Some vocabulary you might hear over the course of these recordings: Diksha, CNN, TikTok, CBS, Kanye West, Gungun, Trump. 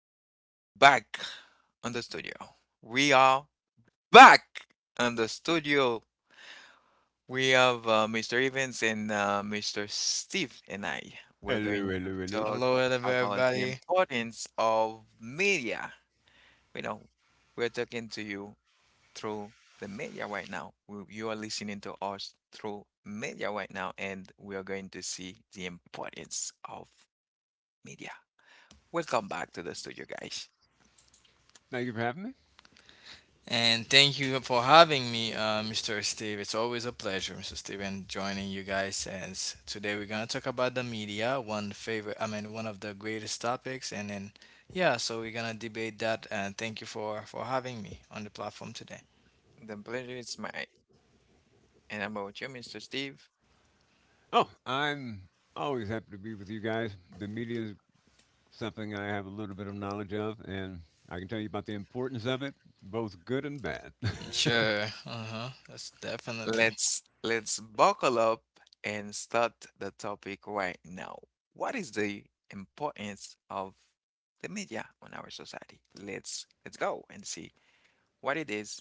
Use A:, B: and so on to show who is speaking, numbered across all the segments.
A: guys. I am back on the studio. We are back on the studio. We have Mr. Evans and Mr. Steve and I. We're
B: Hello,
A: going to
B: hello, hello.
A: talk
C: Hello,
A: about the
C: everybody,
A: importance of media. You know, we're talking to you through the media right now. You are listening to us through media right now, and we are going to see the importance of media. Welcome back to the studio, guys.
B: Thank you for having me.
C: and thank you for having me, Mr. Steve. It's always a pleasure, Mr. Steve, and joining you guys. Today we're gonna talk about the media, one one of the greatest topics. And then, yeah, so we're gonna debate that. And thank you for having me on the platform today.
A: The pleasure is mine. And I'm with you, Mr. Steve.
B: Oh, I'm always happy to be with you guys. The media is something I have a little bit of knowledge of, and I can tell you about the importance of it, both good and bad.
C: Sure. Uh huh. That's definitely.
A: Let's buckle up and start the topic right now. What is the importance of the media on our society? Let's go and see what it is.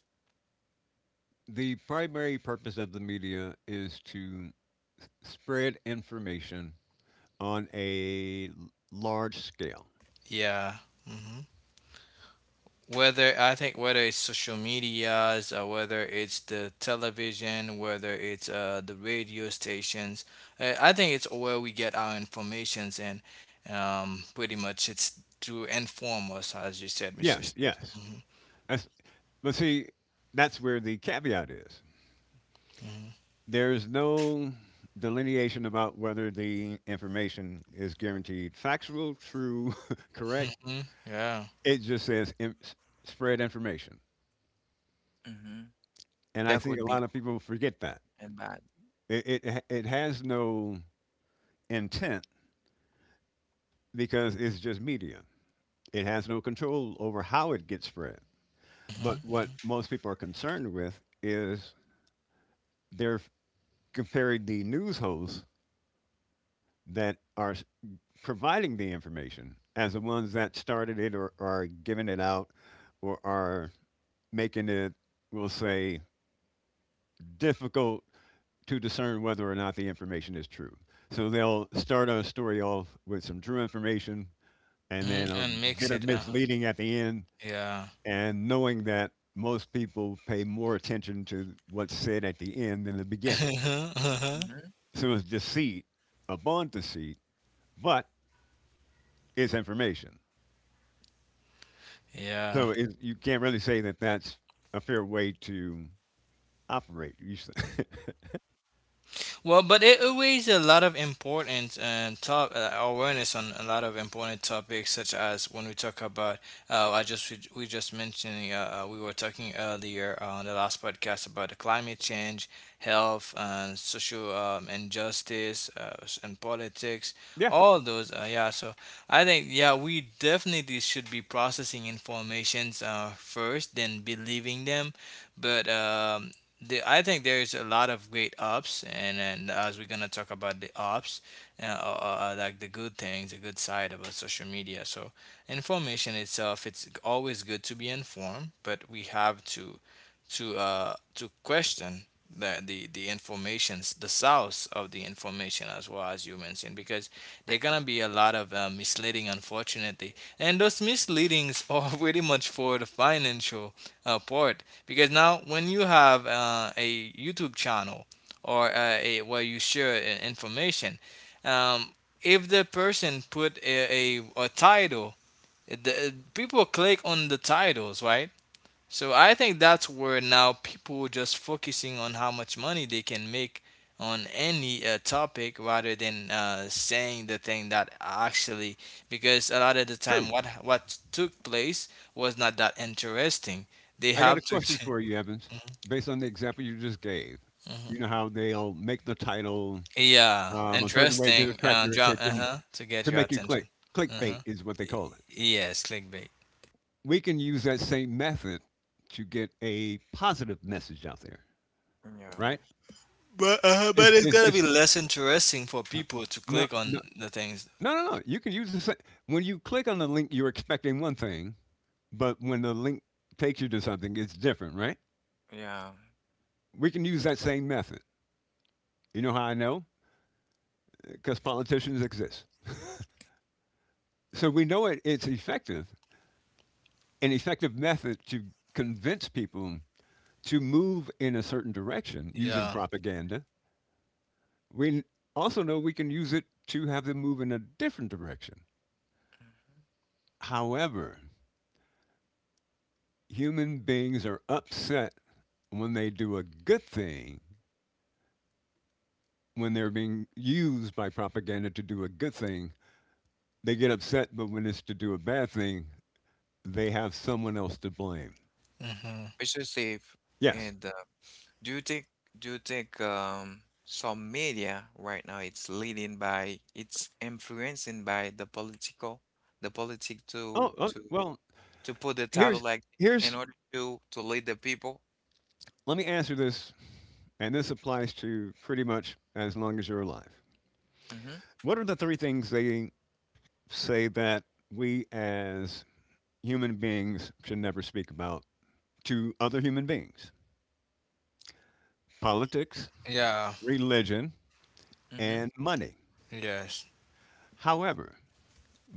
B: The primary purpose of the media is to spread information on large scale.
C: Yeah. Mm-hmm. whether I think whether it's social medias or whether it's the television, whether it's the radio stations, I think it's where we get our informations, and pretty much it's to inform us, as you said, Mr.
B: Yes,
C: Steve.
B: yes.
C: Hmm.
B: That's, but see, that's where the caveat is. There's no delineation about whether the information is guaranteed factual, true, correct.
C: Hmm. Yeah.
B: It just says spread information.
A: Mhm.
B: And I
A: That
B: think
A: could
B: a
A: be
B: lot of
A: good
B: people forget that.
A: and bad.
B: It has no intent because it's just media. It has no control over how it gets spread. But what
C: Hmm.
B: most people are concerned with is they're comparing the news host that are providing the information as the ones that started it or are giving it out or are making it, we'll say, difficult to discern whether or not the information is true. So they'll start a story off with some true information and
C: Hmm.
B: then a
C: And mix
B: bit
C: it.
B: of misleading at the end,
C: Yeah.
B: and knowing that most people pay more attention to what's said at the end than the beginning.
C: Uh-huh.
A: Mhm.
B: So it's deceit upon deceit, but it's information.
C: Yeah.
B: So you can't really say that that's a fair way to operate.
C: Well, but it weighs a lot of important and top awareness on a lot of important topics, such as when we talk about. I just we just mentioned we were talking earlier on the last podcast about the climate change, health, and social injustice, and politics.
B: Yeah,
C: All those, yeah. So I think, yeah, we definitely should be processing informations first, then believing them. But I think there's a lot of great ups, and as we're gonna talk about the ups, like the good things, the good side about social media. So information itself, it's always good to be informed, but we have to question the informations, the source of the information as well, as you mentioned, because there gonna be a lot of misleading, unfortunately, and those misleadings are pretty much for the financial part, because now, when you have a YouTube channel or where you share information, um, if the person put a title, people click on the titles, right? So I think that's where now people just focusing on how much money they can make on any topic rather than saying the thing that actually because a lot of the time
B: true.
C: what took place was not that interesting, they
B: I got a
C: have to
B: question
C: ch-
B: for you, Evans. Based on the example you just gave, you
C: Hmm.
B: know how they'll make the title
C: Yeah,
B: a certain way to
C: interesting.
B: attract your
C: Draw,
B: attention
C: uh-huh, to get
B: to
C: your
B: make you click.
C: attention. Uh-huh.
B: Clickbait is what they
C: Y-
B: call it.
C: Yes, clickbait.
B: We can use that same method to get a positive message out there,
A: Yeah.
B: right?
C: But it's gotta
B: It's
C: be less interesting for
B: uh,
C: people to
B: no,
C: click on
B: no,
C: the things.
B: no, no, no. You can use the same. When you click on the link, you're expecting one thing. But when the link takes you to something, it's different, right?
A: Yeah.
B: We can use that same method. You know how I know? Because politicians exist. So we know it's effective, an effective method to convince people to move in a certain direction using
C: Yeah.
B: propaganda. We also know we can use it to have them move in a different direction.
A: Mhm.
B: However, human beings are upset when they do a good thing, when they're being used by propaganda to do a good thing. They get upset, but when it's to do a bad thing, they have someone else to blame.
C: Hmm.
A: It's so safe.
B: Yes.
A: And do you think do you think some media right now it's leading by it's influencing by the political the politic
B: Oh,
A: to
B: oh,
A: to
B: well,
A: to put the title
B: here's
A: like in
B: here's
A: order to lead the people?
B: let me answer this, and this applies to pretty much as long as you're alive.
A: Mm-hmm.
B: What are the three things they say that we as human beings should never speak about to other human beings? Politics,
C: Yeah.
B: religion,
A: Mm-hmm.
B: and money.
C: Yes.
B: However,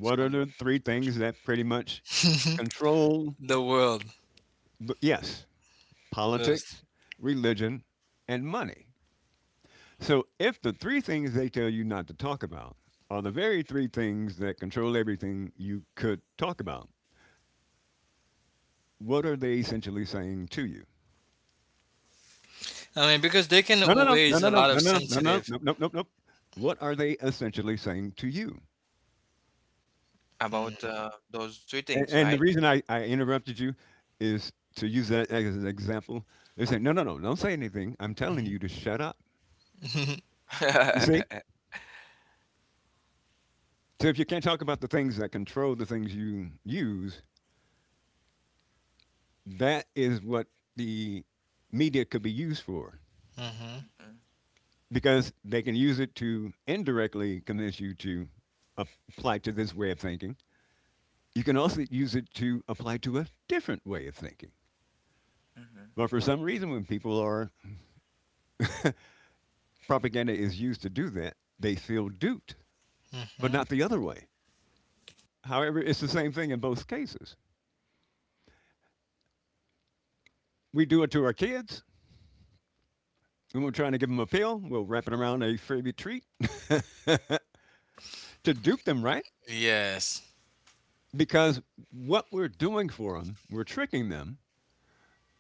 A: It's
B: are the three things
A: controversial.
B: that pretty much control?
C: The world.
B: The, yes,
C: Yes.
B: politics, religion, and money. So if the three things they tell you not to talk about are the very three things that control everything you could talk about, what are they essentially saying to you?
C: I mean, because they can
B: No, no, no, no,
C: raise a
B: no,
C: lot of
B: no, no, no, no, no,
C: sensitive.
B: no, no, no, no. What are they essentially saying to you?
A: About
C: Mm-hmm.
A: those three things,
B: And the
A: right?
B: reason I interrupted you is to use that as an example. They're saying, no, no, no, don't say anything. I'm telling you to shut up.
C: Hmm.
B: You see? So if you can't talk about the things that control the things you use, that is what the media could be used for
A: Mm-hmm.
B: because they can use it to indirectly convince you to apply to this way of thinking. You can also use it to apply to a different way of thinking.
A: Mm-hmm.
B: But for some reason, when people are propaganda is used to do that, they feel duped, but
C: Hmm.
B: not the other way. However, it's the same thing in both cases. We do it to our kids when we're trying to give them a pill. We'll wrap it around a favorite treat to dupe them, right?
C: Yes.
B: Because what we're doing for them, we're tricking them,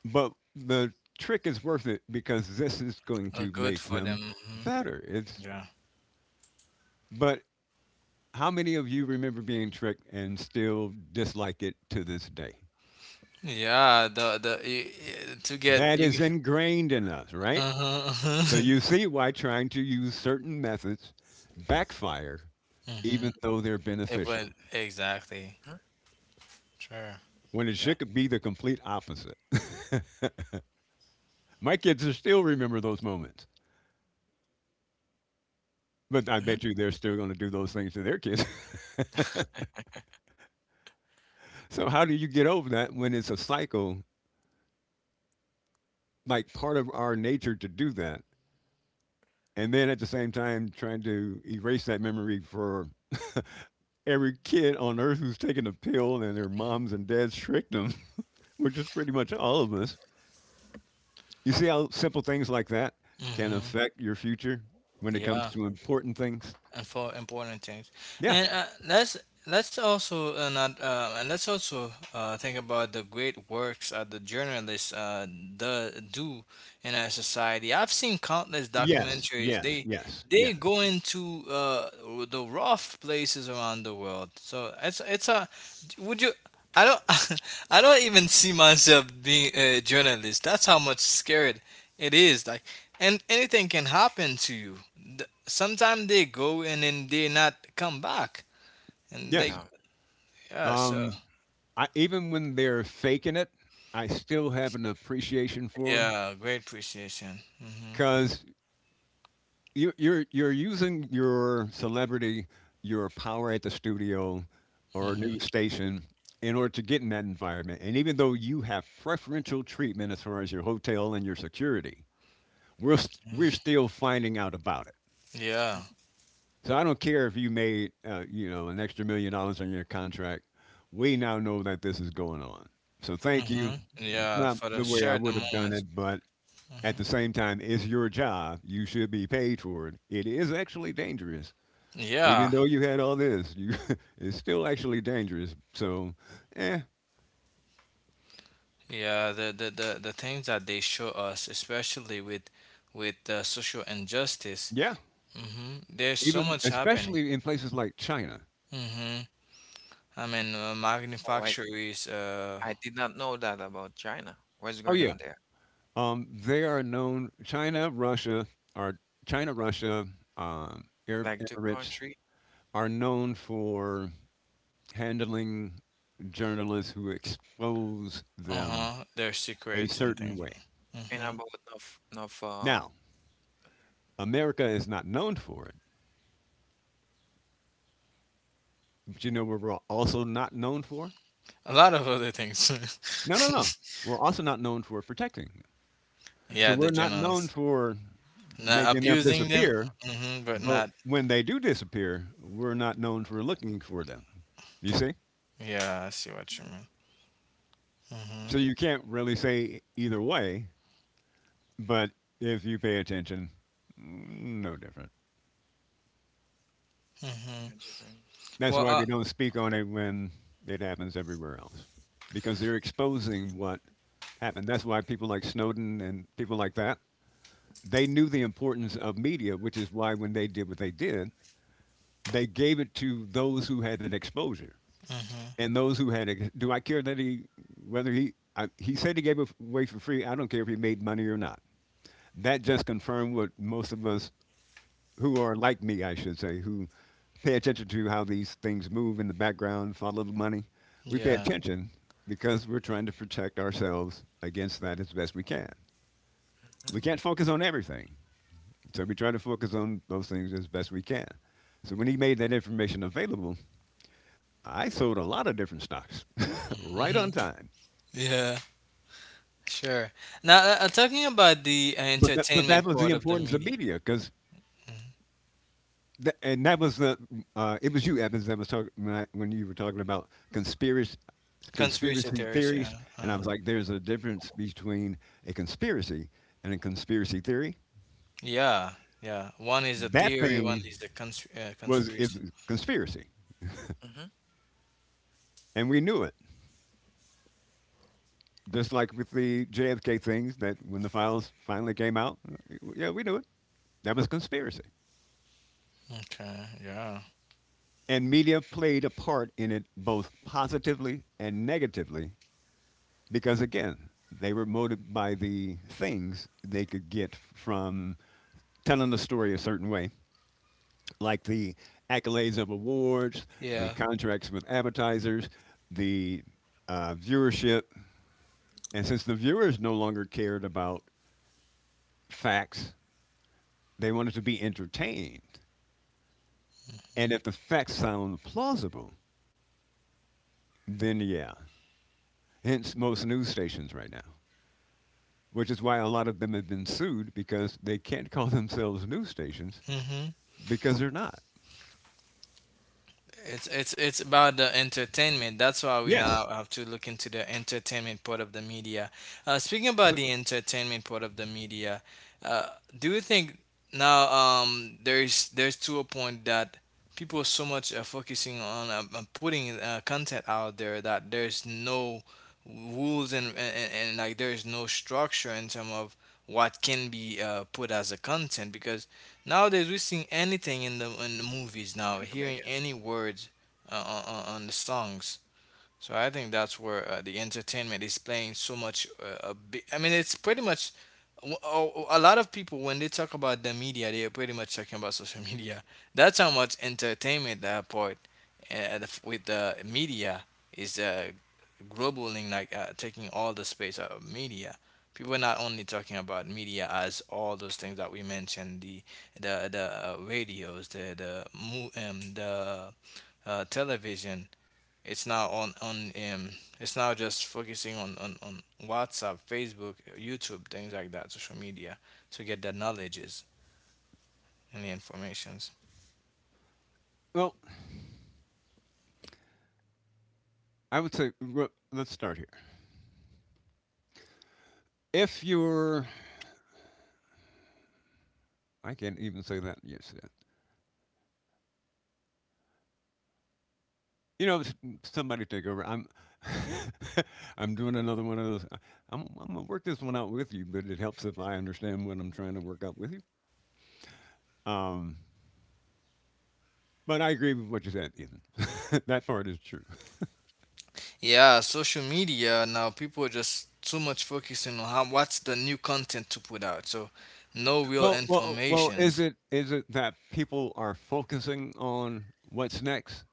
B: but the trick is worth it because this is going to
C: Good
B: make
C: for
B: them
C: them. Hmm.
B: better. It's
C: Yeah.
B: but how many of you remember being tricked and still dislike it to this day?
C: Yeah, the to get
B: That is
C: you.
B: ingrained in us, right? So
C: Uh-huh.
B: you see why trying to use certain methods backfire
C: Mm-hmm.
B: even though they're
C: It would
B: beneficial
C: exactly. Sure.
B: when it
C: Yeah.
B: should be the complete opposite. My kids are still remember those moments. But I
A: Mm-hmm.
B: bet you they're still gonna do those things to their kids. So how do you get over that when it's a cycle, like part of our nature to do that? And then at the same time trying to erase that memory for every kid on earth who's taken a pill and their moms and dads tricked them, which is pretty much all of us. You see how simple things like that can
C: Mm-hmm.
B: affect your future when it comes
C: Yeah.
B: to important things?
C: And for important things.
B: Yeah.
C: And let's also not and let's also think about the great works the journalists do in our society. I've seen countless
B: Yes,
C: documentaries.
B: yes, yes, yeah,
C: They go into the rough places around the world. So it's a would you. I don't, I don't even see myself being a journalist. That's how much scared it is like, and anything can happen to you. Sometimes they go and then they not come back, and
A: Yeah.
B: yes.
C: they yeah. So
B: Um I even when they're faking it, I still have an appreciation for them
C: yeah, great appreciation. Hmm.
B: because you're using your celebrity, your power at the studio or
C: Hmm.
B: news station in order to get in that environment. And even though you have preferential treatment as far as your hotel and your security, we're still finding out about it.
C: Yeah.
A: Mhm.
B: So I don't care if you made, you know, an extra $1 million on your contract. We now know that this is going on. So thank you.
C: Hmm. Yeah,
B: Not
C: for the
B: the way I
C: share the
B: would have done
C: moment.
B: it, but at
C: Hmm.
B: the same time, it's your job. You should be paid for it. It is actually dangerous,
C: Yeah,
B: even though you had all this. You, it's still actually dangerous. So, eh,
C: yeah. The things that they show us, especially with social injustice.
B: yeah.
C: Hmm. There's so
B: Even
C: much happening.
B: especially in places like China.
C: Hmm. I mean,
A: Oh, I
C: manufacturers.
A: I did not know that about China. What's
B: Oh
A: going
B: yeah.
A: on there?
B: They are known. China, Russia, or China, Russia, Arab
A: Like the
B: Emirates,
A: country.
B: are known for handling journalists who expose them
C: Uh-huh. Their
B: a
C: secrets and
B: certain
C: things.
B: way.
A: And
C: Hmm.
A: about North.
B: Now, America is not known for it. But you know what we're also not known for?
C: A lot of other things.
B: No, no, no. We're also not known for protecting them. So
C: Yeah,
A: Mm-hmm,
C: the
B: we're not known
C: journalists.
B: for
C: Not
B: making them
C: abusing them,
B: disappear,
C: hmm but
B: but
C: not.
B: when they do disappear, we're not known for looking for them. You see?
C: Yeah, I see what you
A: mm-hmm.
C: mean. Hmm.
B: So you can't really say either way, but if you pay attention, no different.
C: Hmm.
A: Different.
B: That's
C: Well,
B: why we don't speak on it when it happens everywhere else, because they're exposing what happened. That's why people like Snowden and people like that, they knew the importance of media, which is why when they did what they did, they gave it to those who had that exposure
C: hmm
B: and those who had it. Do I care that he, he said he gave it away for free. I don't care if he made money or not. That just confirmed what most of us who are like me, I should say, who pay attention to how these things move in the background, follow the money. We pay
C: yeah.
B: attention because we're trying to protect ourselves against that as best we can. We
A: Mm-hmm,
B: can't focus on everything, so we try to focus on those things as best we can. So when he made that information available, I sold a lot of different stocks right
C: Hmm.
B: on time.
C: Yeah, sure. Now, talking about the
B: But that
C: entertainment
B: was the
C: part of the
B: importance of
C: media,
B: media because
C: mhm.
B: Th- and that was the it was you Evans that was talking when when you were talking about
C: Conspiracy
B: conspiracy
C: theories, yeah.
B: theories, and I was like there's a difference between a conspiracy and a conspiracy theory.
C: Yeah, yeah. One is a
B: That
C: theory, one
B: thing
C: is the
B: was is
C: conspiracy.
B: a conspiracy,
A: mm-hmm.
B: and we knew it, just like with the JFK things that when the files finally came out, yeah, we knew it. That was conspiracy,
C: Okay, yeah.
B: and media played a part in it both positively and negatively because, again, they were motivated by the things they could get from telling the story a certain way, like the accolades of awards, the
C: Yeah.
B: contracts with advertisers, the viewership. And since the viewers no longer cared about facts, they wanted to be entertained. And if the facts sound plausible, then yeah. Hence most news stations right now, which is why a lot of them have been sued because they can't call themselves news stations
C: Mm-hmm.
B: because they're not.
C: It's about the entertainment. That's why we
B: Yes.
C: have to look into the entertainment part of the media. Speaking about
B: So,
C: the entertainment part of the media, uh, do you think now there's to a point that people are so much focusing on putting content out there that there's no rules, and like there's no structure in terms of what can be put as a content, because nowadays, we're seeing anything in the movies now,
A: In the media.
C: hearing any words on the songs. So I think that's where the entertainment is playing so much. A big, I mean, it's pretty much a a lot of people when they talk about the media, they are pretty much talking about social media. That's how much entertainment that part with the media is globaling, like taking all the space out of media. People are not only talking about media as all those things that we mentioned: the radios, the mo- the television. It's now on It's now just focusing on WhatsApp, Facebook, YouTube, things like that, social media, to get the knowledges and the informations.
B: well, I would say, well, let's start here. If you're, I can't even say that. Yes, yeah. you know, s- somebody take over. I'm doing another one of those. I'm gonna work this one out with you, but it helps if I understand what I'm trying to work out with you. Um, but I agree with what you said, Ethan. That part is true.
C: Yeah, social media now people are just too much focusing on how what's the new content to put out. So no real
B: Well, well, well.
C: informations.
B: Is it that people are focusing on what's next,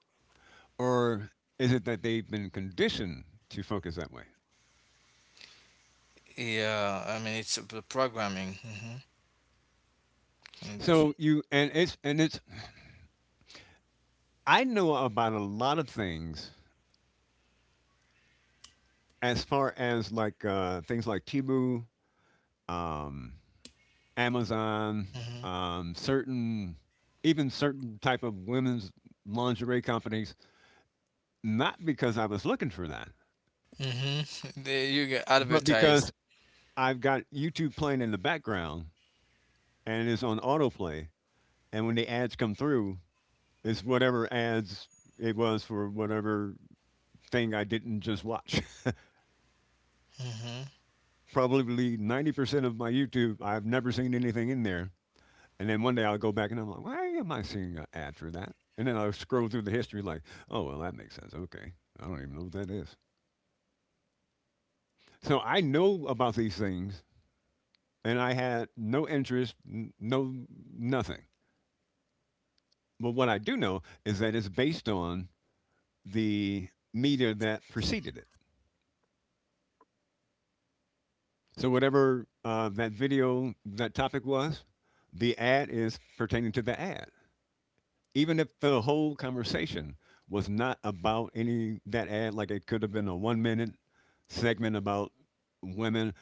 B: or is it that they've been conditioned to focus that way?
C: Yeah, I mean it's the programming. Mm-hmm. Mm-hmm.
B: So you and it's I know about a lot of things as far as like things like Timu, um, Amazon, certain even certain type of women's lingerie companies. Not because I was looking for that,
C: Mm-hmm. You get
B: but because
C: advertised.
B: I've got YouTube playing in the background and it's on autoplay. And when the ads come through, it's whatever ads it was for whatever thing I didn't just watch.
C: Mm-hmm.
B: Probably 90% of my YouTube, I've never seen anything in there. And then one day I'll go back and I'm like, why am I seeing an ad for that? And then I'll scroll through the history like, oh, well, that makes sense. Okay. I don't even know what that is. So I know about these things and I had no interest, no nothing. But what I do know is that it's based on the media that preceded it. So whatever that video, that topic was, the ad is pertaining to the ad, even if the whole conversation was not about any that ad. Like, it could have been a 1 minute segment about women.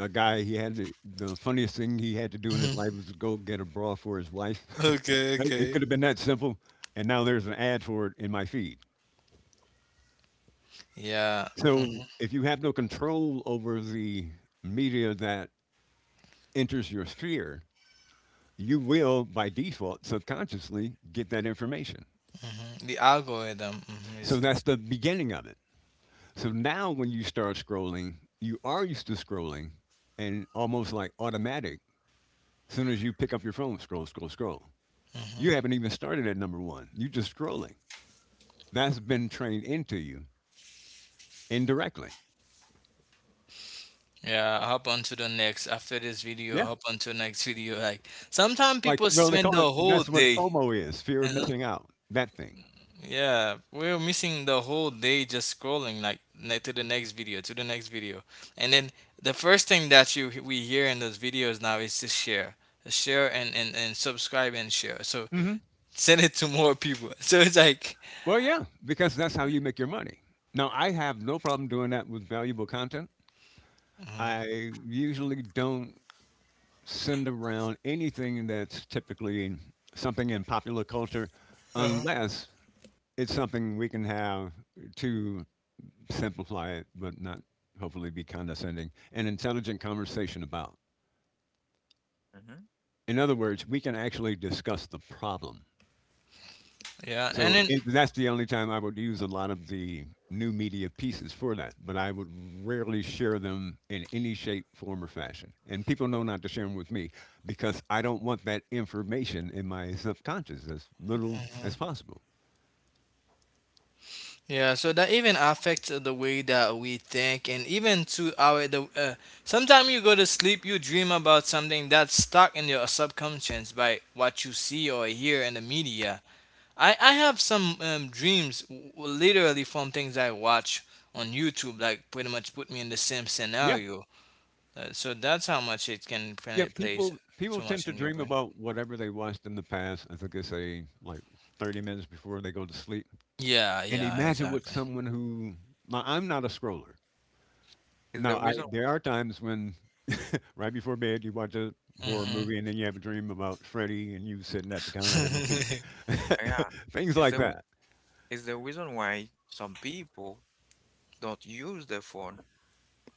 B: A guy, the funniest thing he had to do in his life was to go get a bra for his wife.
C: Okay,
B: Like, it could
C: okay.
B: have been that simple, and now there's an ad for it in my feed.
C: Yeah.
B: So
C: Mhm.
B: if you have no control over the media that enters your sphere, you will by default subconsciously get that information.
C: Hmm. The algorithm hmm
B: So that's
C: is
B: the beginning of it. So now when you start scrolling, you are used to scrolling and almost like automatic. As soon as you pick up your phone, scroll, scroll, scroll.
C: hmm
B: You haven't even started at number one. You're just scrolling. That's been trained into you indirectly.
C: yeah. Hop on to the next after this video.
B: Yeah.
C: Hop on to the next video. Like sometimes
B: Like,
C: people
B: well, they
C: spend
B: call it,
C: the whole
B: that's what
C: day.
B: FOMO is, fear of
C: Uh,
B: missing out, that thing.
C: yeah, we're missing the whole day just scrolling like to the next video, to the next video, and then the first thing that you we hear in those videos now is to share and subscribe and share. So
B: hmm
C: send it to more people. So it's like
B: Well, yeah, because that's how you make your money. Now, I have no problem doing that with valuable content.
C: mhm.
B: I usually don't send around anything that's typically something in popular culture
C: Uh-huh.
B: unless it's something we can have to simplify it, but not hopefully be condescending, an intelligent conversation about.
A: Mm-hmm.
B: In other words, we can actually discuss the problem.
C: Yeah,
B: So
C: and
B: that's the only time I would use a lot of the new media pieces for that, but I would rarely share them in any shape, form, or fashion. And people know not to share them with me because I don't want that information in my subconscious as little as
C: then.
B: possible.
C: Yeah, so that even affects the way that we think, and even to our the. Sometimes you go to sleep, you dream about something that's stuck in your subconscious by what you see or hear in the media. I have some dreams, literally from things I watch on YouTube, like pretty much put me in the same
B: Yeah,
C: scenario. So that's how much it can
B: yeah.
C: plays
B: People
C: so
B: tend
C: much
B: to
C: in your
B: dream
C: brain.
B: about whatever they watched in the past. I think they say like 30 minutes before they go to sleep.
C: Yeah,
B: And
C: yeah,
B: imagine what
C: exactly.
B: someone who, now I'm not a scroller.
A: Is
B: Now
A: the
B: I,
A: reason
B: there are times when, right before bed, you watch a horror
C: Mhm.
B: movie and then you have a dream about Freddy and you sitting at the counter having tea.
C: Mhm.
A: why, yeah.
B: Things
A: Is
B: like
A: the
B: that.
A: is the reason why some people don't use their phone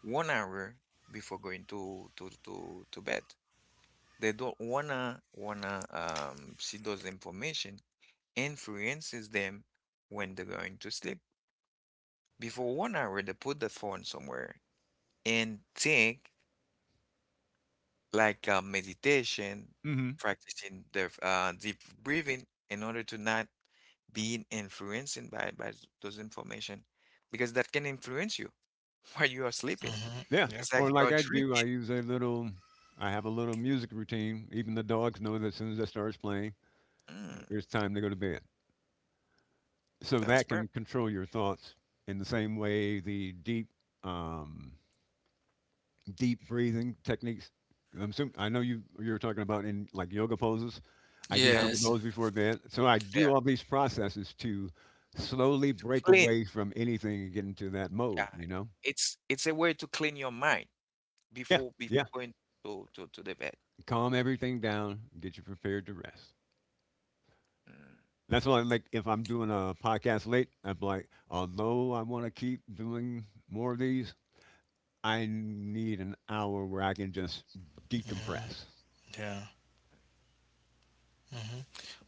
A: 1 hour before going to bed. They don't wanna see those information influences them when they're going to sleep. Before 1 hour, they put the phone somewhere and think like meditation,
B: hmm
A: practicing the deep breathing in order to not being influenced by those information because that can influence you while you are sleeping.
B: Yeah.
A: It's like
B: Or like
C: Definitely.
A: you're
B: I do, I
A: dreaming.
B: use a little, I have a little music routine. Even the dogs know that as soon as that starts playing,
A: Mm,
B: it's time to go to bed. So
A: that's
B: that
A: perfect.
B: can control your thoughts in the same way the deep um, deep breathing techniques. 'Cause I'm assuming, I know you were talking about in like yoga poses. I do
A: Yeah,
B: some of
C: Yes.
B: those before bed. So I do
A: yeah.
B: all these processes to slowly break
A: Clean.
B: away from anything and get into that
A: Yeah.
B: mode, you know?
A: It's a way to clean your mind
B: Yeah,
A: before
B: yeah.
A: going to the bed.
B: Calm everything down, get you prepared to rest.
A: Mm.
B: That's why, like, if I'm doing a podcast late, I'm like, although I want to keep doing more of these, I need an hour where I can just decompress.
C: Yeah. Mhm.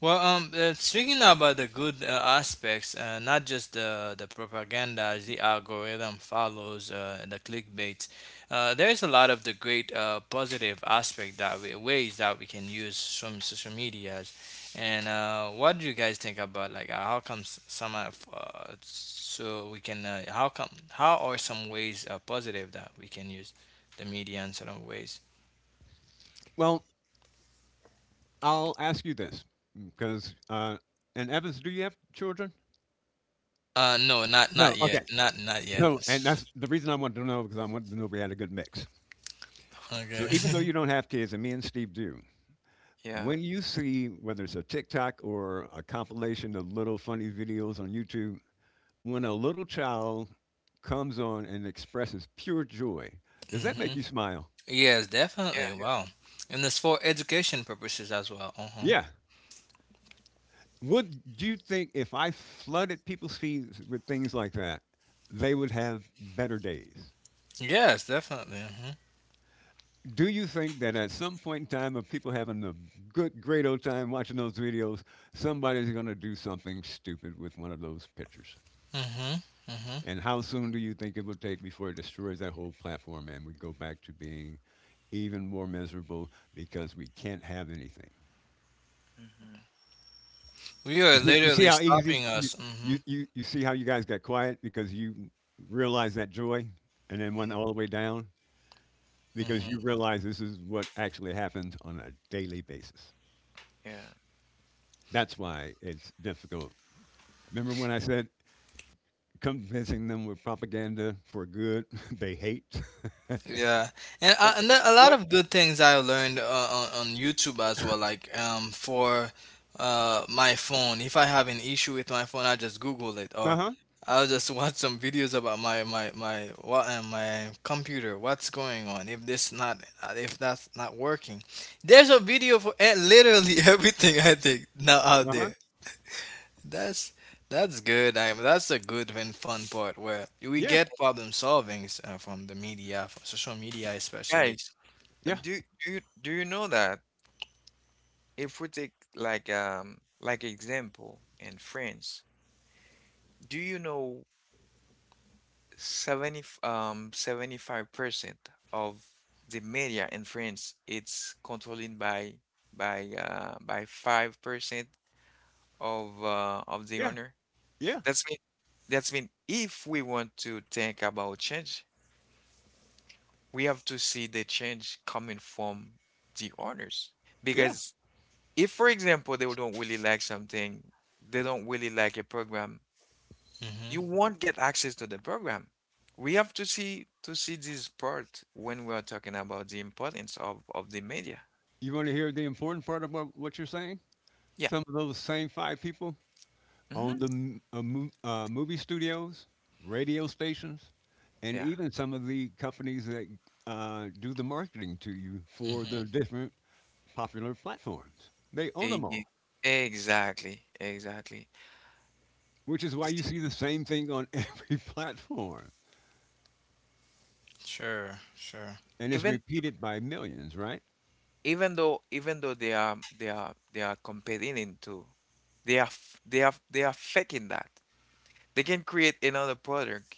C: Well, speaking about the good aspects, not just the propaganda, the algorithm follows, the clickbait. There is a lot of the great positive aspect that we, ways that we can use from social medias. And what do you guys think about like how comes some of so we can how come how are some ways positive that we can use the media in certain ways?
B: Well, I'll ask you this because, and Evans, do you have children?
C: No, not not
B: No,
C: yet,
B: okay.
C: not not yet.
B: So, and that's the reason I wanted to know, because I wanted to know if we had a good mix. So,
C: Okay.
B: even though you don't have kids, and me and Steve do,
A: Yeah.
B: when you see whether it's a TikTok or a compilation of little funny videos on YouTube, when a little child comes on and expresses pure joy, does that
C: Mm-hmm.
B: make you smile?
C: Yes, definitely.
A: Yeah.
C: Wow. And it's for education purposes as well. Uh-huh.
B: Yeah. Would, do you think if I flooded people's feeds with things like that, they would have better days?
C: Yes, definitely. Mm-hmm.
B: Do you think that at some point in time of people having a good, great old time watching those videos, somebody's going to do something stupid with one of those pictures?
C: Mm-hmm. Mm-hmm.
B: And how soon do you think it will take before it destroys that whole platform and we go back to being even more miserable because we can't have anything?
A: Hmm.
C: We are
B: You see
C: literally
B: how easy
C: stopping us. Mm-hmm.
B: you see how you guys got quiet because you realized that joy and then went all the way down because you
C: Mm-hmm.
B: realize this is what actually happens on a daily basis.
A: Yeah.
B: That's why it's difficult. Remember when I said convincing them with propaganda for good they hate?
C: Yeah, and
A: But
C: a lot
A: what
C: of good things I learned on YouTube as well. Like for my phone, if I have an issue with my phone, I just Google it,
B: Uh
C: or
B: huh.
C: I'll just watch some videos about my computer. What's going on? If this not if that's not working, there's a video for literally everything I think now out
B: Uh huh.
C: there. That's that's good. I That's a good and fun part where we
B: Yeah.
C: get problem solvings from the media, from social media especially.
A: guys,
B: Yeah.
A: do you know that? If we take like like example in France, do you know 70 75% of the media in France it's controlled by 5% of the
B: Yeah.
A: owner.
B: Yeah.
A: That's mean if we want to think about change, we have to see the change coming from the owners.
B: Yeah.
A: Because if, for example, they don't really like something, they don't really like a program,
C: Mhm.
A: you won't get access to the program. We have to see this part when we are talking about the importance of the media.
B: You want to hear the important part about what you're saying?
A: Yeah.
B: Some of those same five people
A: Hmm.
B: own the movie studios, radio stations, and
A: Yeah.
B: even some of the companies that do the marketing to you for the
C: Mhm.
B: different popular platforms. They own
A: E-
B: them
A: e-
B: all.
A: Exactly. Exactly.
B: Which is why you
A: S-
B: see the same thing on every platform,
C: Sure. Sure.
B: and it's
A: Even ev-
B: repeated by millions, right?
A: even though they are competing into they are faking that. They can create another product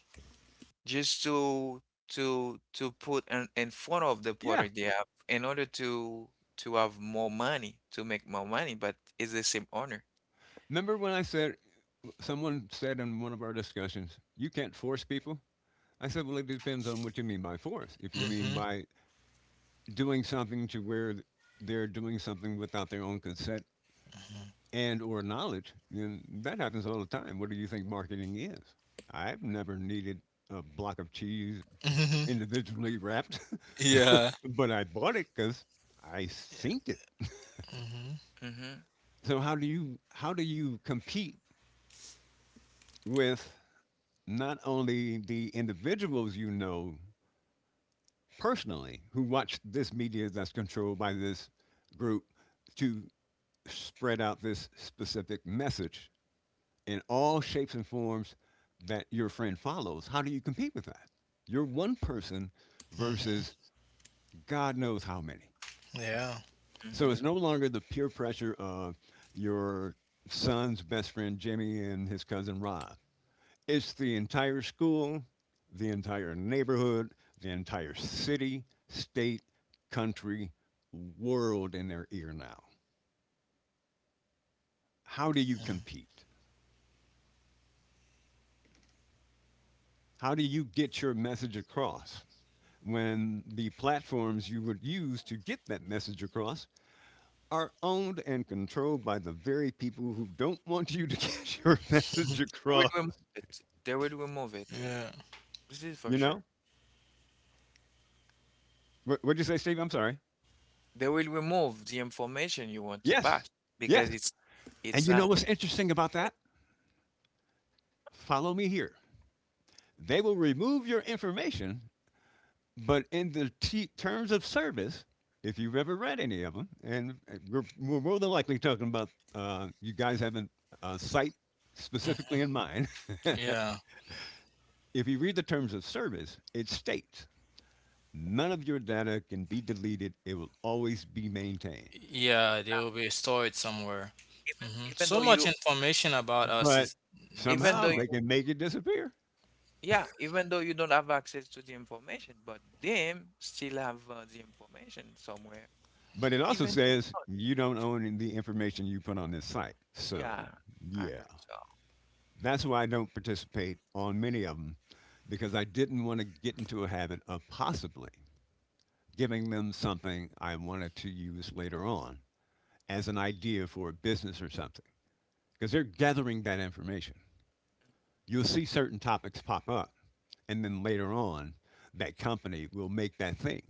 A: just to put in front of the
B: Yeah.
A: product they have in order to have more money to make more money, but it's the same owner.
B: Remember when I said someone said in one of our discussions, you can't force people? I said, well, it depends on what you mean by force. If you mean
C: Mhm.
B: by doing something to where they're doing something without their own consent
C: Mhm.
B: and or knowledge, then that happens all the time. What do you think marketing is? I've never needed a block of cheese individually wrapped,
C: Yeah.
B: but I bought it because I synced it.
C: Mhm.
A: Mm-hmm,
B: So how do you compete with not only the individuals you know personally who watch this media that's controlled by this group to spread out this specific message in all shapes and forms that your friend follows? How do you compete with that? You're one person
C: Mhm.
B: versus God knows how many.
C: Yeah.
B: So
A: mm-hmm.
B: it's no longer the peer pressure of your son's best friend Jimmy and his cousin Rob. It's the entire school, the entire neighborhood, the entire city, state, country, world in their ear now. How do you compete? How do you get your message across when the platforms you would use to get that message across are owned and controlled by the very people who don't want you to get your
C: Mhm.
B: message
A: they will
B: across?
A: remove it they will remove it
C: Yeah.
A: This is for
B: You
A: sure.
B: know? What did you say, Steve? I'm sorry.
A: They will remove the information you want to pass
B: Yes. Yes.
A: because it's
B: And
A: it's
B: you
A: not
B: know what's interesting about
A: documented.
B: that? Follow me here. They will remove your information, but in the terms of service, if you've ever read any of them, and we're more than likely talking about you guys having a site
C: Mhm.
B: specifically in mind.
C: Yeah.
B: If you read the terms of service, it states none of your data can be deleted, it will always be maintained.
C: Yeah. They will be stored somewhere.
A: even
C: Hmm.
A: even though
C: So much
A: you
C: information about us
B: But
C: is
A: even though
B: somehow
C: somewhere.
B: they
A: you
B: can make it disappear.
A: yeah, even though you don't have access to the information, but them still have the information somewhere.
B: But it also
A: Even
B: says
A: Oh,
B: you don't own the information you put on this site.
A: yeah,
B: So,
A: I
B: yeah.
A: heard so.
B: That's why I don't participate on many of them, because I didn't want to get into a habit of possibly giving them something I wanted to use later on as an idea for a business or something, because they're gathering that information. You'll see certain topics pop up, and then later on, that company will make that thing.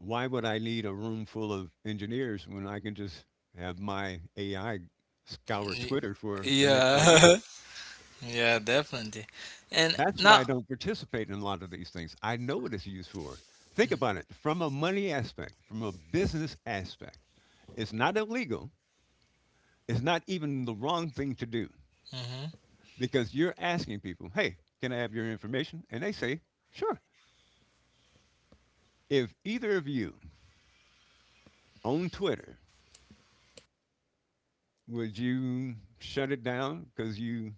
B: Why would I need a room full of engineers when I can just have my AI scour
C: Y-
B: Twitter for the next idea?
C: Yeah. Yeah. Definitely. And
B: That's why I
C: now.
B: don't participate in a lot of these things. I know what it's used for. Think about it from a money aspect, from a business aspect. It's not illegal. It's not even the wrong thing to do, because you're asking people, hey, can I have your information? And they say, sure. If either of you own Twitter, would you shut it down because you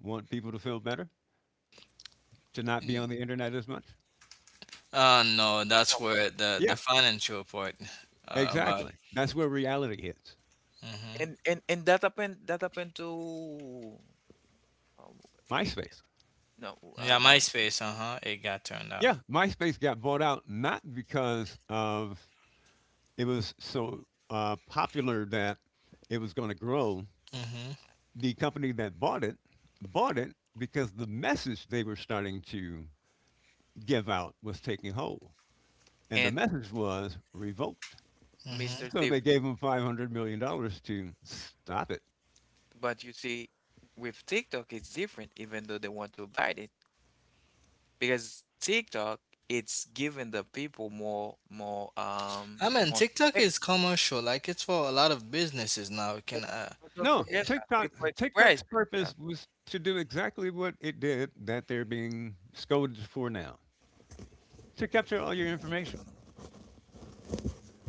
B: want people to feel better, to not be on
C: Mhm.
B: the internet as much?
C: No, that's
A: No.
C: where the
B: Yeah,
C: financial part about it.
B: exactly. That's where reality hits.
C: Hmm.
A: And that happened to um, eh,
B: MySpace.
A: no
C: Yeah, MySpace. Uh huh. It got turned out.
B: Yeah, MySpace got bought out not because of it was so popular that it was going to grow.
C: Hmm.
B: The company that bought it because the message they were starting to give out was taking hold, and the
A: and
B: message was revolt.
C: Hmm.
A: Mr.
B: So
A: Steve,
B: they gave them $500 million to stop it.
A: but you see with TikTok it's different even though they want to bite it because TikTok it's giving the people more more um
C: I mean,
A: more
C: TikTok is
A: space.
C: commercial. Like it's for a lot of businesses now. It
A: But,
C: can.
A: but, don't
B: No,
A: forget that people
B: TikTok's
A: express
B: purpose
A: themselves.
B: was to do exactly what it did that they're being scolded for now, to capture all your information.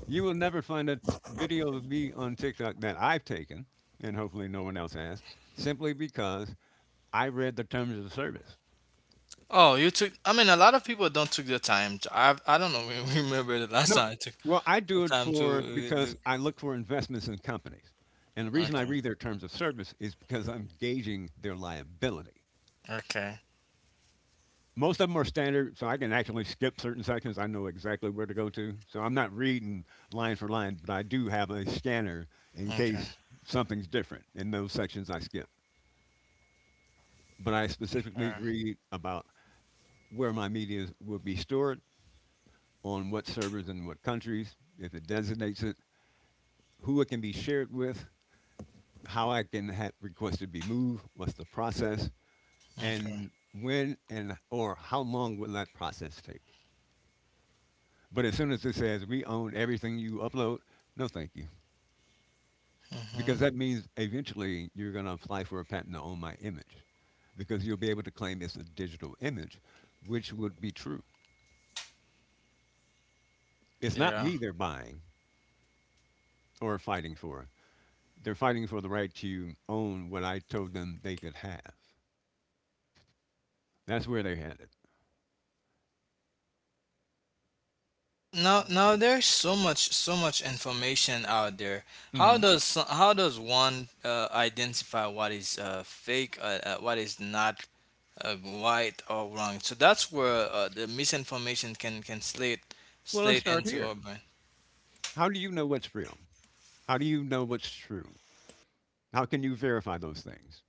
B: You will never find a video of me on TikTok that I've taken, and hopefully no one else has, simply because I read the terms of service.
C: Oh, you took. I mean, a lot of people don't took the time. To, I don't know. Remember the last
B: No,
C: time I took
B: well, I
C: the
B: do it
C: time to
B: for because
C: look.
B: I look for investments in companies. And the reason I
C: Okay.
B: read their terms of service is because I'm gauging their liability.
C: Okay.
B: Most of them are standard, so I can actually skip certain sections. I know exactly where to go to. So I'm not reading line for line, but I do have a scanner in
C: Okay.
B: case something's different in those sections I skip, but I specifically
C: Uh,
B: read about where my media will be stored, on what servers in what countries, if it designates it, who it can be shared with, how I can have request to be moved, what's the process,
C: okay.
B: and when and or how long will that process take. But as soon as it says we own everything you upload, no thank you.
C: Hmm.
B: Because that means eventually you're going to apply for a patent to own my image because you'll be able to claim it's a digital image, which would be true. It's not
C: Yeah.
B: me they're buying, or fighting for. They're fighting for the right to own what I told them they could have. That's where they're headed.
C: Now,
A: Mhm,
C: now there's so much, so much information out there. How
B: hmm
C: does how does one identify what is fake, what is not uh, right or wrong? So that's where the misinformation can
B: Well, let's
C: slate
B: start
C: into
B: here.
C: our brain.
B: How do you know what's real? How do you know what's true? How can you verify those things?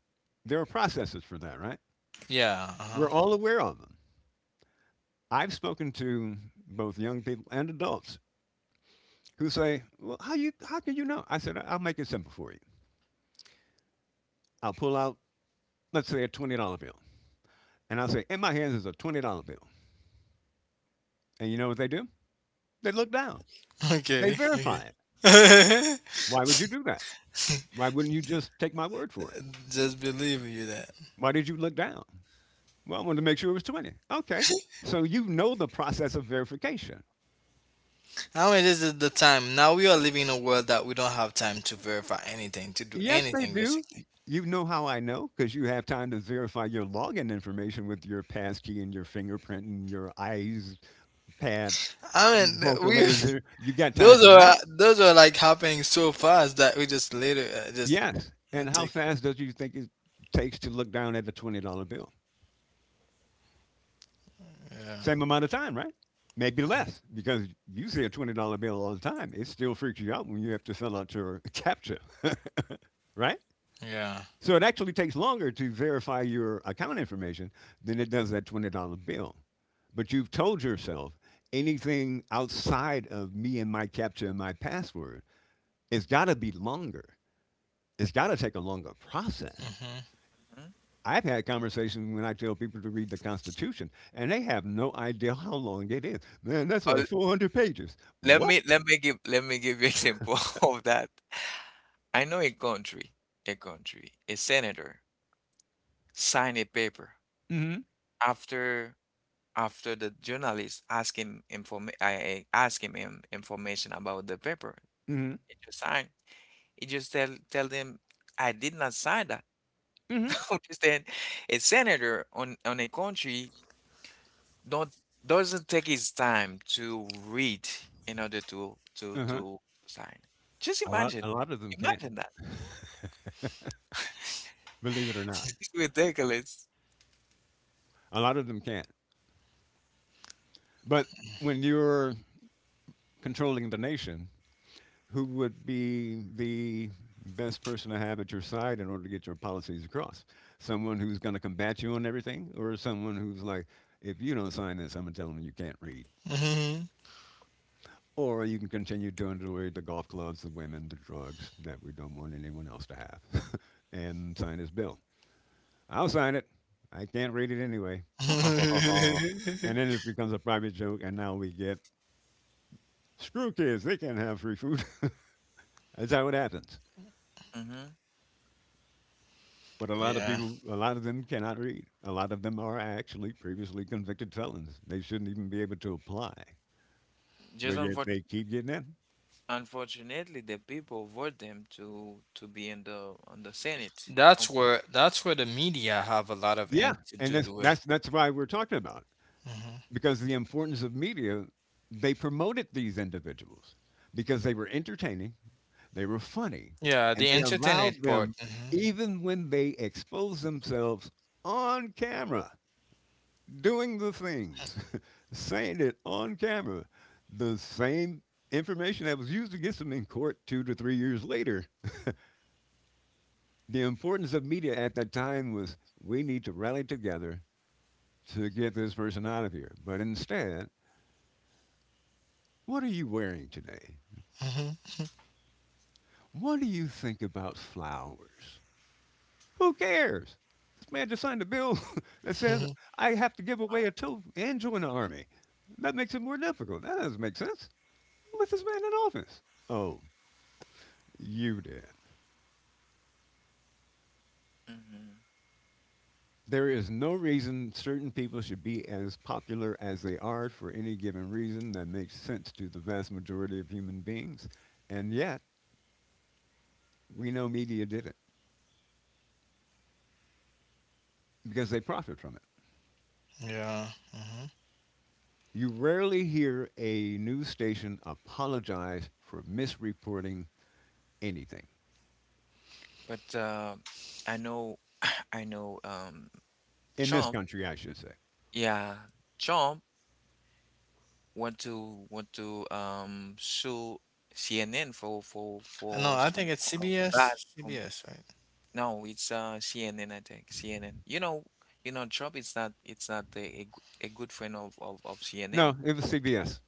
B: There are processes for that, right?
C: Yeah. Uh-huh.
B: We're all aware of them. I've spoken to both young people and adults who say, "Well, how can you know?" I said, "I'll make it simple for you. I'll pull out, let's say, a $20 bill, and I'll say, in my hands is a $20 bill." And you know what they do? They look down. They
C: Okay. Okay.
B: verify it. Why would you do that? Why wouldn't you just take my word for it?
C: Just believe you that.
B: Why did you look down? Well, I wanted to make sure it was 20. Okay. So you know the process of verification.
C: I mean, this is the time. Now we are living in a world that we don't have time to verify anything, to do
B: Yes, they
C: anything,
B: do.
C: basically.
B: You know how I know, because you have time to verify your login information with your passkey and your fingerprint and your eyes pad
C: I mean, we
B: vocalizer. You got time
C: those
B: for
C: are
B: that?
C: those are like happening so fast that we just later just
B: Yes. And
C: not
B: how
C: take.
B: fast does you think it takes to look down at a $20 bill?
C: Yeah.
B: Same amount of time, right? Maybe
C: Mhm.
B: less because you see a $20 bill all the time. It still freaks you out when you have to fill out your CAPTCHA, right?
C: Yeah.
B: So it actually takes longer to verify your account information than it does that $20 bill. But you've told yourself anything outside of me and my CAPTCHA and my password, it's got to be longer. It's got to take a longer process. I've had conversations when I tell people to read the Constitution, and they have no idea how long it is. Man, that's like
A: mhm.
B: 400 pages.
A: Let
B: What?
A: me let me give let me give you example of that. I know a country, a senator signed a paper
B: Mm
A: after after the journalist asked him inform. I asked him information about the paper.
B: hmm. Mm
A: He just signed. He just tell them I did not sign that.
B: hmm. Mm hmm.
A: Understand? A senator on a country don't doesn't take his time to read in order to to
B: Uh huh.
A: to sign. Just
B: A lot, a
A: imagine,
B: lot of them can't,
A: imagine.
B: believe it or not.
A: It's ridiculous.
B: A lot of them can't. But when you're controlling the nation, who would be the best person to have at your side in order to get your policies across? Someone who's going to combat you on everything, or someone who's like, if you don't sign this, I'm going to tell them you can't read?
C: Mhm.
B: Or you can continue to underrate the golf clubs, the women, the drugs that we don't want anyone else to have and sign this bill. I'll sign it. I can't read it anyway. Ha ha ha ha ha.
C: Mhm.
B: And then it becomes a private joke, and now we get screw kids, they can't have free food. That's how it happens.
A: Hmm.
B: But a lot of
C: Yeah.
B: people, a lot of them cannot read. A lot of them are actually previously convicted felons. They shouldn't even be able to apply, but
A: Just
B: yet they keep getting in.
A: unfortunately, the people vote them to be in the on the Senate.
C: That's where the media have a lot of
B: Yeah,
C: ent-
B: and
C: to
B: that's
C: do with.
B: that's that's why we're talking about it,
C: hmm
B: because the importance of media, they promoted these individuals because they were entertaining, they were funny,
C: Yeah,
B: and
C: the
B: they
C: entertainment
B: allowed
C: part.
B: them, even when they exposed themselves on camera, doing the things, saying it on camera, the same information that was used against them in court 2 to 3 years later. The importance of media at that time was we need to rally together to get this person out of here. But instead, what are you wearing today?
C: Hmm
B: What do you think about flowers? Who cares? This man just signed a bill that says
C: hmm
B: I have to give away a tooth and join the army. That makes it more difficult. That doesn't make sense. Who let this man in office? Oh, you did.
A: Hmm.
B: There is no reason certain people should be as popular as they are for any given reason that makes sense to the vast majority of human beings. And yet, we know media did it because they profit from it.
C: Yeah. hmm
B: You rarely hear a news station apologize for misreporting anything.
A: But I know, I know.
B: In this
A: Trump.
B: country, I should say.
A: Yeah, Trump. Want to sue CNN for for
C: I know.
A: for
C: I
A: some
C: think it's
A: kind of bad
C: CBS.
A: from.
C: CBS, right?
A: No, it's CNN. I think CNN. Trump it's not a good friend of CNN.
B: No, it was CBS.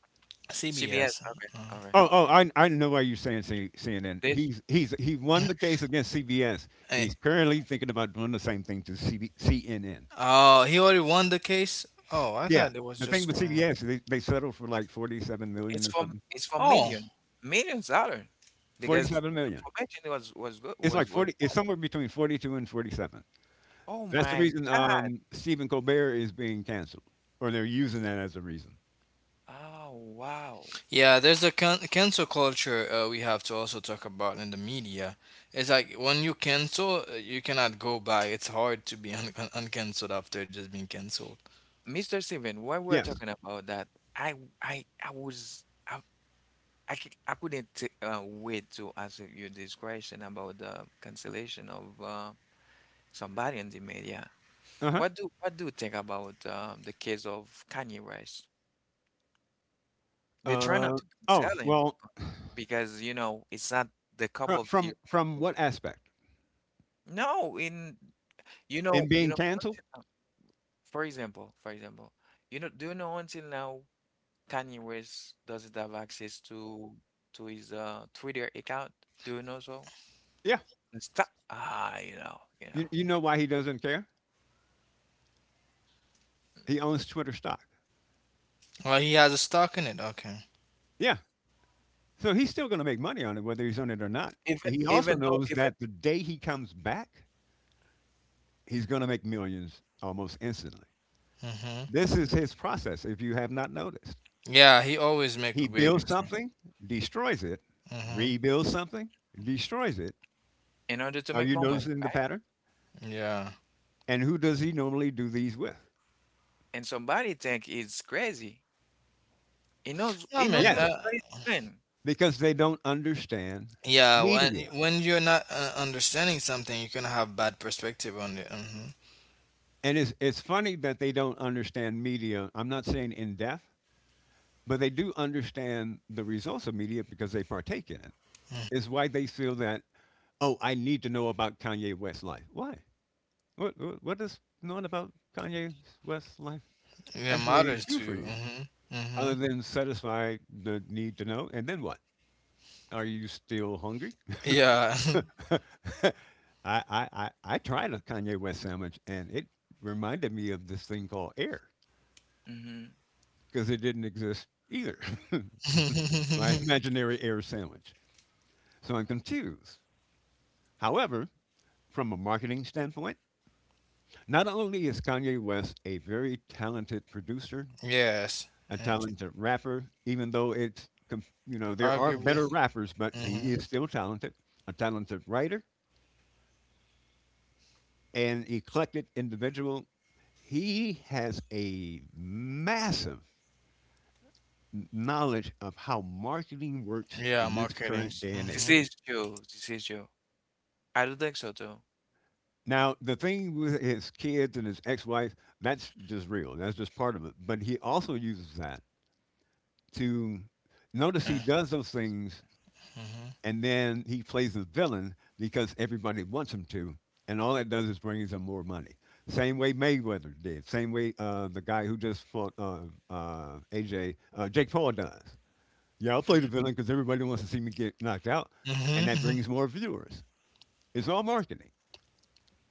A: CBS,
C: CBS.
A: okay.
C: uh,
A: All right.
B: Oh, oh,
A: Okay.
B: I know why you're saying CNN.
A: this
B: He's he won the case against CBS.
C: eh,
B: He's currently thinking about doing the same thing to CNN.
C: Oh, he already won the case. Oh, I
B: Yeah,
C: thought it was
B: the thing
C: just
B: with
C: going.
B: CBS, they settled for like 47 million
A: it's
B: or
A: for
B: something.
A: it's for
C: Oh,
A: millions dollar because the
B: 47 million.
A: information was good
B: It's like
A: was
B: 40. It's
A: bad.
B: somewhere between 42 and 47.
A: Oh
B: That's the
A: my
B: reason
A: God.
B: Stephen Colbert is being canceled, or they're using that as a reason.
A: Oh wow.
C: Yeah, there's a cancel culture we have to also talk about in the media. It's like when you cancel, you cannot go back. It's hard to be uncancelled after just being canceled.
A: Mr. Steven, while we're
B: Yes.
A: talking about that, I I was. I couldn't wait to ask you this question about the cancellation of somebody in the media.
B: Uh-huh.
A: What do you think about the case of Kanye West? They try not
B: Uh,
A: to
B: oh,
A: cancel him
B: well,
A: because it's not the cup of tea.
B: from
A: of-
B: what aspect?
A: No, in you know
B: In
A: you
B: being
A: know
B: canceled?
A: until now, for example, do you know until now Kanye West doesn't have access to his Twitter account? Do you know so?
B: Yeah.
A: And stop. Ah, you know, you
B: You
A: know.
B: you know why he doesn't care? He owns Twitter stock.
C: Well, he has a stock in it. Okay.
B: Yeah. So he's still gonna make money on it whether he's on it or not.
A: Even
B: He also
A: even though
B: knows
A: even
B: that the day he comes back, he's gonna make millions almost instantly.
C: Mhm.
B: This is
A: Mhm.
B: his process, if you have not noticed.
C: Yeah, he always make a
B: He
C: great
B: builds
C: return.
B: something, destroys it,
C: Mhm.
B: rebuilds something, destroys it.
A: In order to
B: Are
A: make
B: you
A: moment,
B: noticing the
A: right?
B: pattern?
C: Yeah.
B: And who does he normally do these with?
A: And somebody think it's crazy. He knows
C: I mean,
A: what
B: Yes.
A: what
C: uh,
A: he's doing.
B: Because they don't understand
C: yeah. When
B: media.
C: you're not understanding something, you can have bad perspective on it. Mhm.
B: And it's funny that they don't understand media. I'm not saying in depth, but they do understand the results of media because they partake in it. It's why they feel that, oh, I need to know about Kanye West's life. Why? What does knowing about Kanye West's life
C: Yeah,
B: actually
C: matters
B: do
C: to
B: for
C: you.
B: you?
C: Mhm.
B: Other
C: Mhm.
B: than satisfy the need to know, and then what? Are you still hungry?
C: Yeah.
B: I, I tried a Kanye West sandwich and it reminded me of this thing called air
A: Hmm.
B: because it didn't exist either. My imaginary air sandwich. So I'm confused. However, from a marketing standpoint, not only is Kanye West a very talented producer,
C: Yes.
B: a talented rapper, even though you know, there are
C: Arguably.
B: better rappers, but he
C: hmm
B: is still talented, a talented writer, an eclectic individual. He has a massive knowledge of how marketing works
C: Yeah,
B: in this
C: marketing.
B: current day and
A: This
C: Mm-hmm.
B: age.
A: is true. This is true. I don't think so too.
B: Now, the thing with his kids and his ex wife, that's just real. That's just part of it. But he also uses that to notice he does those things
C: Mm-hmm.
B: and then he plays the villain because everybody wants him to, and all that does is brings him more money. Same way Mayweather did. Same way the guy who just fought AJ, Jake Paul does. Yeah, I'll play the
A: Hmm.
B: villain because everybody wants to see me get knocked out, and that
C: Mm-hmm.
B: brings more viewers. It's all marketing.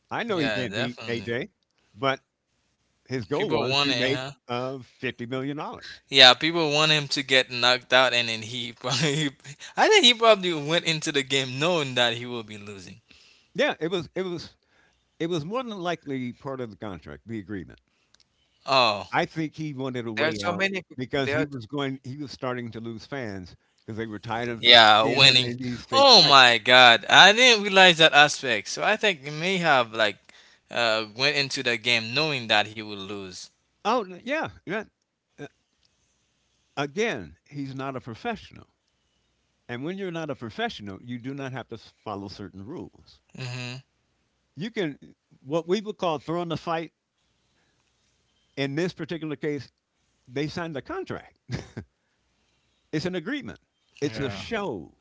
B: I know he
C: Yeah,
B: can't beat
C: definitely.
B: AJ, but his goal
C: People
B: was to
C: wanted,
B: make
C: huh?
B: $50 million.
C: Yeah, people want him to get knocked out, and then he probably, I think he probably went into the game knowing that he will be losing.
B: Yeah, it was. It was more than likely part of the contract, the agreement.
C: Oh,
B: I think he wanted a
A: There are
B: way
A: so
B: out
A: many.
B: because
A: There are
B: he was starting to lose fans because they were tired of
C: yeah,
B: seeing him
C: winning.
B: in these fake
C: Oh
B: fights.
C: my God, I didn't realize that aspect. So I think he may have like, went into the game knowing that he will lose.
B: Oh, yeah. Uh, Again, he's not a professional. And when you're not a professional, you do not have to follow certain rules.
C: hmm
B: You can what we would call throwing the fight. In this particular case, they signed a contract. It's an agreement. It's a
C: Yeah.
B: show.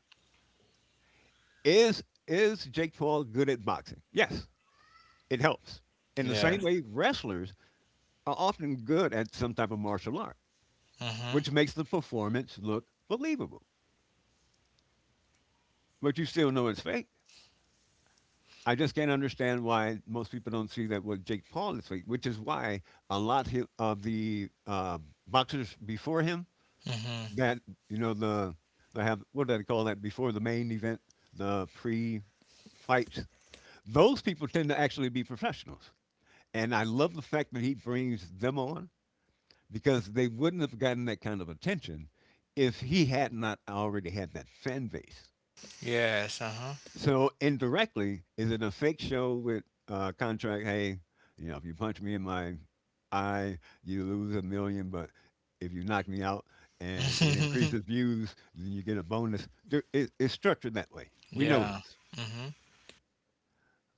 B: Is Jake Paul good at boxing? Yes, it helps. In the same
C: Yes.
B: way wrestlers are often good at some type of martial art,
C: hmm
B: which makes the performance look believable. But you still know it's fake. I just can't understand why most people don't see that what Jake Paul is fake, which is why of the boxers before him
C: hmm
B: that you know they have what do they call that before the main event, the pre fights. Those people tend to actually be professionals, and I love the fact that he brings them on because they wouldn't have gotten that kind of attention if he had not already had that fan base.
C: Yes. Uh-huh.
B: So indirectly, is it a fake show with contract? Hey, you know, if you punch me in my eye, you lose a million, but if you knock me out and it increases views, then you get a bonus. It's structured that way. We know
C: Yeah.
B: this,
C: Mhm.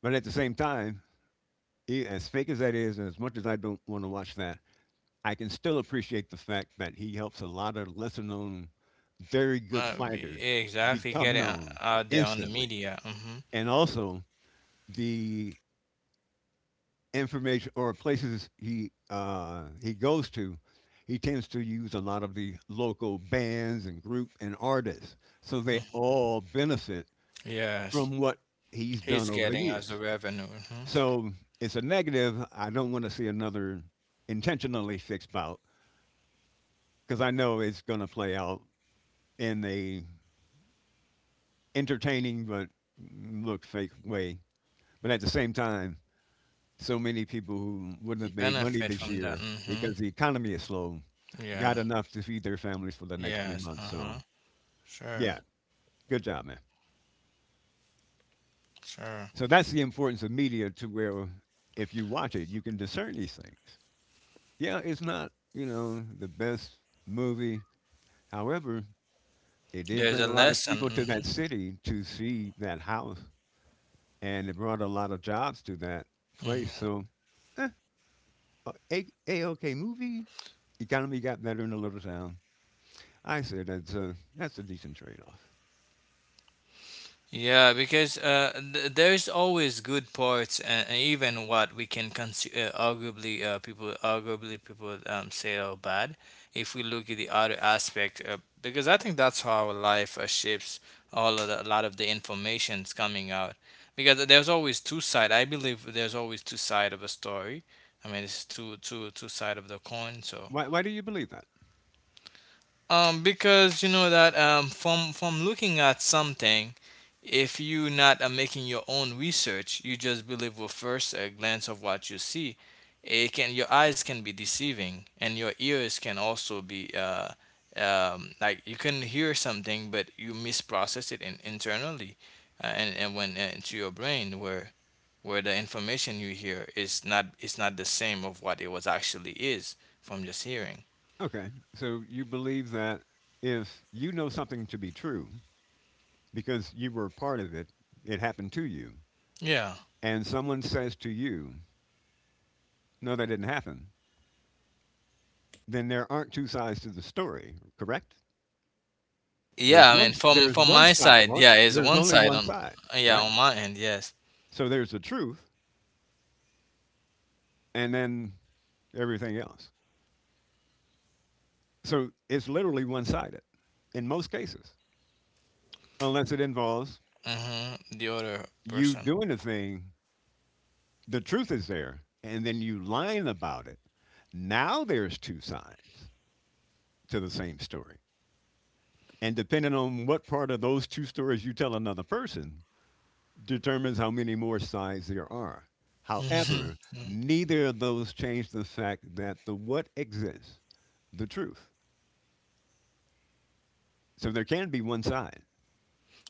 B: but at the same time, as fake as that is, and as much as I don't want to watch that, I can still appreciate the fact that he helps a lot of lesser known, very good fighters
C: Exactly.
B: become
C: Getting
B: known
C: out there on the
B: instantly.
C: media. Mhm.
B: And also the information or places he goes to, he tends to use a lot of the local bands and group and artists. So they
C: Mm.
B: all benefit
C: Yes.
B: from what he's done
C: He's
B: over the
C: getting as a
B: years.
C: revenue. Mhm.
B: So it's a negative. I don't want to see another intentionally fixed bout because I know it's going to play out in a entertaining but look fake way. But at the same time, so many people who wouldn't have made money
C: Benefit
B: this
C: from that.
B: year
C: Mhm.
B: because the economy is slow
C: Yeah.
B: got enough to feed their families for the next three
C: Yes.
B: months. So
C: Uh-huh. Sure.
B: yeah, good job, man.
C: Sure.
B: So that's the importance of media to where if you watch it, you can discern these things. Yeah, it's not, the best movie. However, it did
C: There's
B: bring
C: a
B: a lot of people to that
C: lesson.
B: city to see that house and it brought a lot of jobs to that place.
C: Mhm.
B: So eh, a okay movie. Economy got better in a little town. I said that's a decent trade off.
C: Yeah, because there is always good parts, and even what we can consider arguably people say are bad. If we look at the other aspect, because I think that's how our life shapes all of the, a lot of the information's coming out. Because there's always two side. I believe there's always two side of a story. I mean, it's two side of the coin. So
B: Why do you believe that?
C: because you know that from looking at something, if you not making your own research, you just believe with first a glance of what you see. It can your eyes can be deceiving, and your ears can also be like you can hear something, but you misprocess it in, internally, and when into your brain where the information you hear is not the same of what it was actually is from just hearing.
B: Okay, so you believe that if you know something to be true because you were part of it, it happened to you,
C: Yeah.
B: and someone says to you, "No, that didn't happen," then there aren't two sides to the story, correct? There's
C: Yeah, I
A: Mhm.
B: one
C: mean, from
B: there's one
C: my
B: side.
C: side,
B: Well,
C: yeah, it's
B: there's
C: one
B: only
C: side
B: one
C: on,
B: side,
C: yeah,
B: right?
C: on my end, yes.
B: So there's the truth, and then everything else. So it's literally one sided in most cases, unless it involves
C: The other
B: you
C: person.
B: doing the thing, the truth is there, and then you lying about it. Now there's two sides to the same story. And depending on what part of those two stories you tell another person, determines how many more sides there are. However,
C: hmm
B: neither of those change the fact that the what exists, the truth. So there can be one side.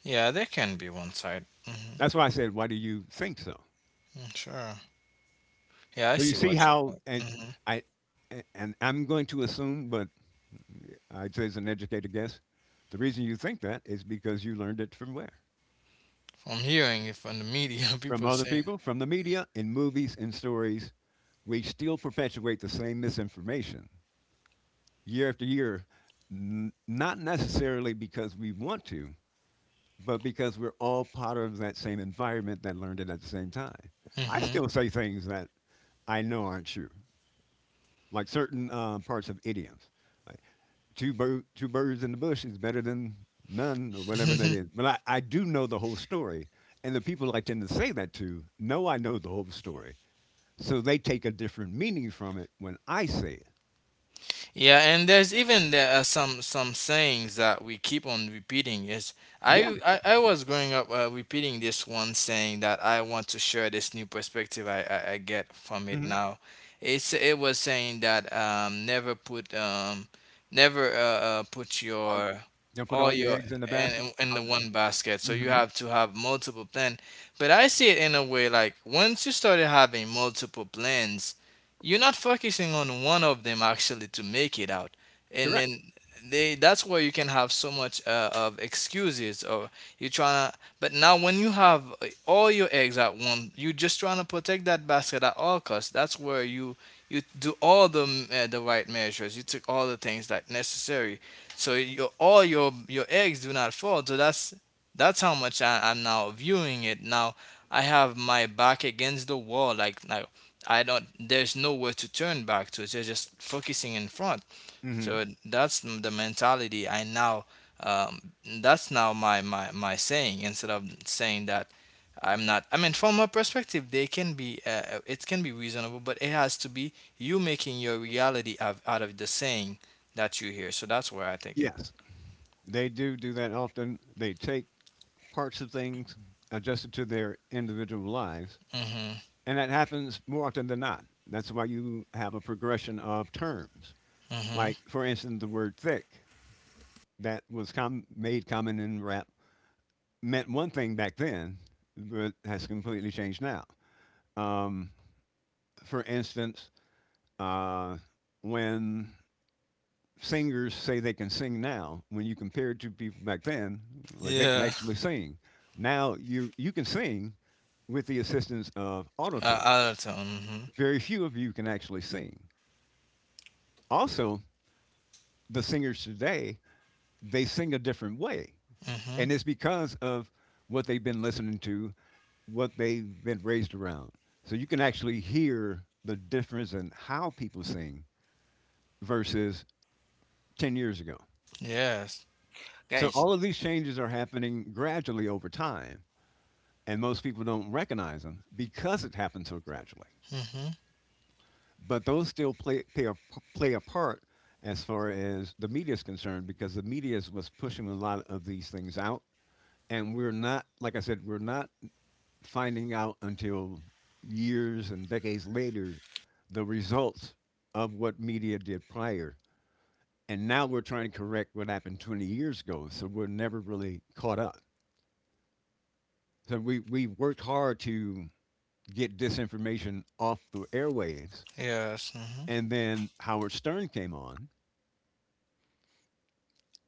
C: Yeah, there can be one side.
B: That's why I said, why do you think so?
C: Sure. Yeah, I
B: So you
C: see
B: see
C: what your
B: how,
C: point.
B: and I, and I'm going to assume, but I'd say it's an educated guess. The reason you think that is because you learned it from where?
C: From hearing it from the media,
B: From
C: people
B: other
C: saying.
B: people, from the media, in movies and stories. We still perpetuate the same misinformation year after year, not necessarily because we want to, but because we're all part of that same environment that learned it at the same time. I
C: hmm
B: still say things that I know aren't true, like certain parts of idioms. Like two birds in the bush is better than none or whatever that is. But I do know the whole story. And the people I tend to say that to know I know the whole story. So they take a different meaning from it when I say it.
C: Yeah, and there's even there are some sayings that we keep on repeating. Yes,
B: Yeah.
C: I was growing up repeating this one saying that I want to share this new perspective I get from it
B: hmm
C: now. It's it was saying that never put never put
A: all,
C: your
B: Don't put
C: all
B: all your
C: your
B: eggs in the basket.
C: in the
A: all the-
C: one basket. So you
B: Hmm
C: have to have multiple plans. But I see it in a way like once you started having multiple plans you're not focusing on one of them actually to make it out and
B: Correct.
C: then they that's where you can have so much of excuses or you're trying to but now when you have all your eggs at one you're just trying to protect that basket at all costs that's where you do all the the right measures you took all the things that necessary so your all your eggs do not fall so that's how much I'm now viewing it now I have my back against the wall like I don't. There's nowhere to turn back to. They're just focusing in front.
B: Hmm
C: So that's the mentality I now. Um, that's now my, my saying instead of saying that I'm not. I mean, from my perspective, they can be. It can be reasonable, but it has to be you making your reality out, out of the saying that you hear. So that's where I take it.
B: Yes. They do do that often. They take parts of things adjusted to their individual lives.
C: Mm-hmm.
B: And that happens more often than not. That's why you have a progression of terms.
C: Mm-hmm.
B: Like, for instance, the word thick that was made common in rap meant one thing back then, but has completely changed now. Um, for instance, uh, when singers say they can sing now, when you compare it to people back then, like they can
C: Yeah.
B: actually sing. Now you can sing with the assistance of autotune.
C: Out of tone. Mm-hmm.
B: Very few of you can actually sing. Also, the singers today, they sing a different way.
C: Mm-hmm.
B: And it's because of what they've been listening to, what they've been raised around. So you can actually hear the difference in how people sing versus 10 years ago.
C: Yes.
B: So
A: Guys.
B: all of these changes are happening gradually over time, and most people don't recognize them because it happened so gradually.
C: Mm-hmm.
B: But those still play a part as far as the media is concerned because the media was pushing a lot of these things out. And we're not, like I said, we're not finding out until years and decades later the results of what media did prior. And now we're trying to correct what happened 20 years ago. So we're never really caught up. So we worked hard to get disinformation off the airwaves.
C: Yes. Mm-hmm.
B: And then Howard Stern came on.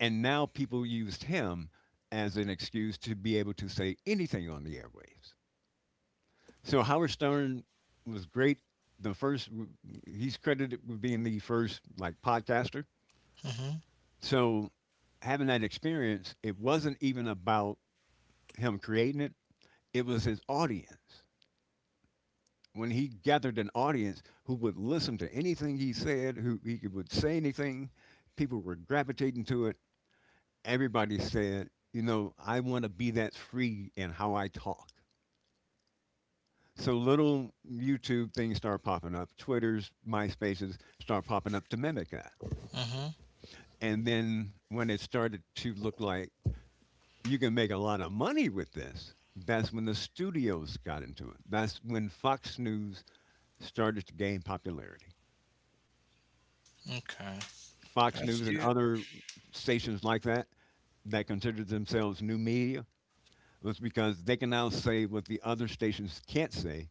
B: And now people used him as an excuse to be able to say anything on the airwaves. So Howard Stern was great. The first, he's credited with being the first like podcaster.
C: Mm-hmm.
B: So having that experience, it wasn't even about him creating it. It was his audience. When he gathered an audience who would listen to anything he said, who he would say anything, people were gravitating to it. Everybody said, you know, I want to be that free in how I talk. So little YouTube things start popping up, Twitters, MySpaces start popping up to mimic that.
C: Mm-hmm.
B: And then when it started to look like you can make a lot of money with this, that's when the studios got into it. That's when Fox News started to gain popularity.
C: Okay.
B: Fox
C: That's
B: News
A: Do
B: and
A: you,
B: other stations like that that considered themselves new media was because they can now say what the other stations can't say,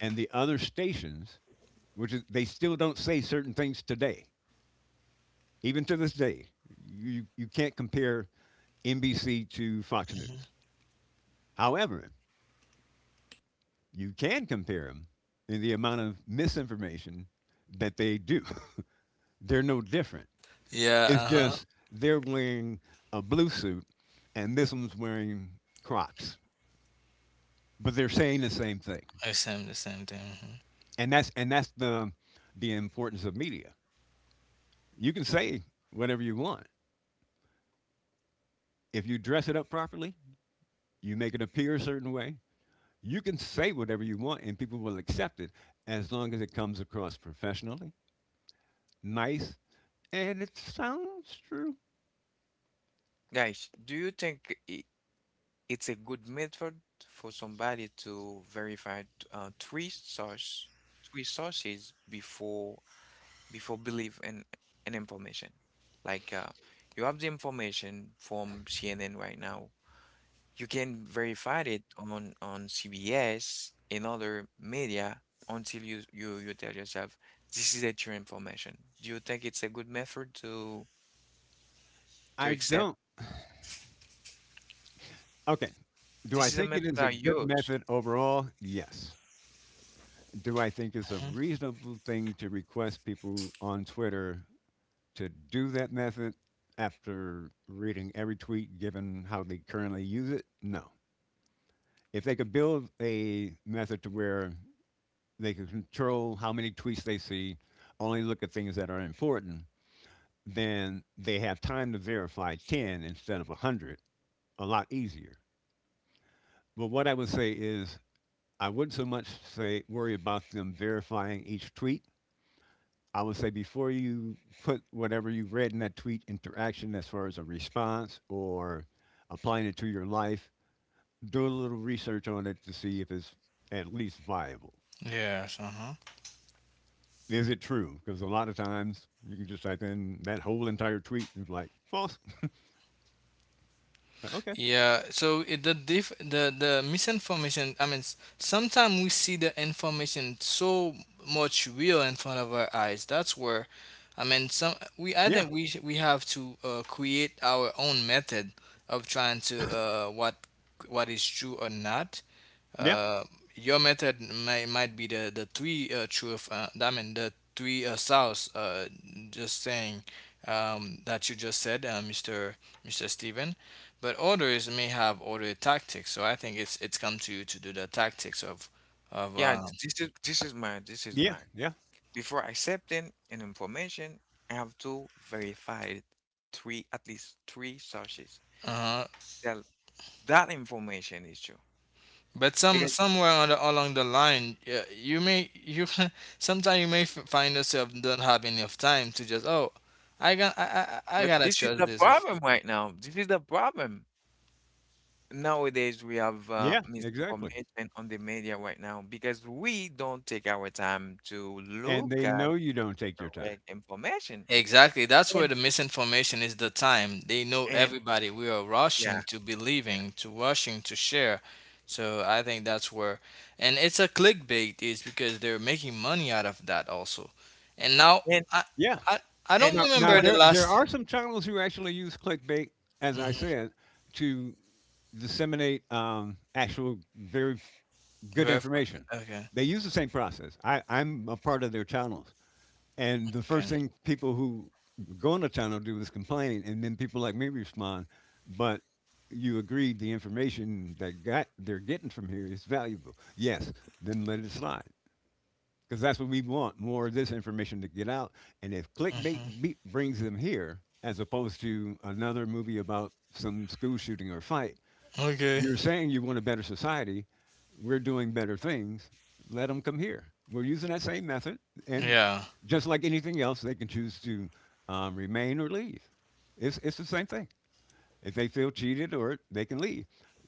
B: and the other stations, which is they still don't say certain things today even to this day, you can't compare NBC to Fox News.
C: mhm.
B: However, you can compare them in the amount of misinformation that they do. They're no different.
C: Yeah,
B: It's
C: uh-huh.
B: just they're wearing a blue suit and this one's wearing Crocs, but they're saying the same thing.
C: I same, the same thing.
B: And that's the importance of media. You can say whatever you want. If you dress it up properly, you make it appear a certain way, you can say whatever you want and people will accept it as long as it comes across professionally, nice, and it sounds true.
A: guys? Do you think I it's a good method for somebody to verify three source three sources before belief in information. Like you have the information from CNN right now. You can verify it on CBS in other media until you tell yourself this is the true information. Do you think it's a good method to
B: I
A: accept?
B: don't. Okay. Do I
A: This is a
B: think it
A: method
B: is a
A: I
B: good
A: use.
B: method overall? Yes. Do I think it's a
C: hmm
B: reasonable thing to request people on Twitter to do that method after reading every tweet given how they currently use it? No. If they could build a method to where they can control how many tweets they see, only look at things that are important, then they have time to verify 10 instead of 100, a lot easier. But what I would say is, I wouldn't so much say worry about them verifying each tweet. I would say before you put whatever you read in that tweet into action as far as a response or applying it to your life, do a little research on it to see if it's at least viable.
C: Yes, uh-huh.
B: Is it true? Because a lot of times you can just type in that whole entire tweet and it's like false. Like, okay.
C: Yeah. So it, the diff, the misinformation. I mean, sometimes we see the information so much real in front of our eyes. That's where, I mean, some we. I
B: Yeah.
C: think we have to create our own method of trying to what is true or not.
B: Yeah.
C: uh, your method may, might be the three truth I mean the three souths just saying that you just said Mr. Steven, but others may have other tactics so I think it's come to you to do the tactics of
A: Yeah, this is my. This is
B: Yeah.
A: my.
B: Yeah.
A: Before accepting an information, I have to verify it. Three, at least three sources
C: uh-huh.
A: tell that information is true.
C: But some
A: Because,
C: somewhere on the, along the line you may you sometimes you may find yourself don't have enough time to just oh I got I
A: but
C: gotta
A: this is
C: trust
A: the
C: this.
A: problem right now. This is the problem. Nowadays, we have
B: Yeah. Exactly.
A: misinformation on the media right now because we don't take our time to
B: And
A: look
B: they
A: at
B: know you don't take your time.
A: correct information.
C: Exactly. That's where
A: And,
C: the misinformation is the time. They know
A: and,
C: everybody. We are
A: yeah,
C: rushing to believing, to rushing to share. So I think that's where and it's a clickbait is because they're making money out of that also. And now
A: and,
C: I
B: Yeah.
C: I, I don't
A: and
B: Now,
A: I
B: now
C: remember
A: want.
C: the
B: there there
C: last.
B: are some channels who actually use clickbait, as I
C: Mhm.
B: said, to disseminate actual very good
C: Verify.
B: information.
C: Okay.
B: They use the same process. I'm a part of their channels. And the first
C: Okay.
B: thing people who go into town will do is complain, and then people like me respond. But you agreed the information that got they're getting from here is valuable. Yes, then let it slide because that's what we want more of this information to get out. And if
C: hmm
B: clickbait brings them here, as opposed to another movie about some school shooting or fight,
C: Okay.
B: you're saying you want a better society. We're doing better things. Let them come here. We're using that same method, and
C: Yeah.
B: just like anything else, they can choose to remain or leave. It's the same thing. If they feel cheated, or they can leave.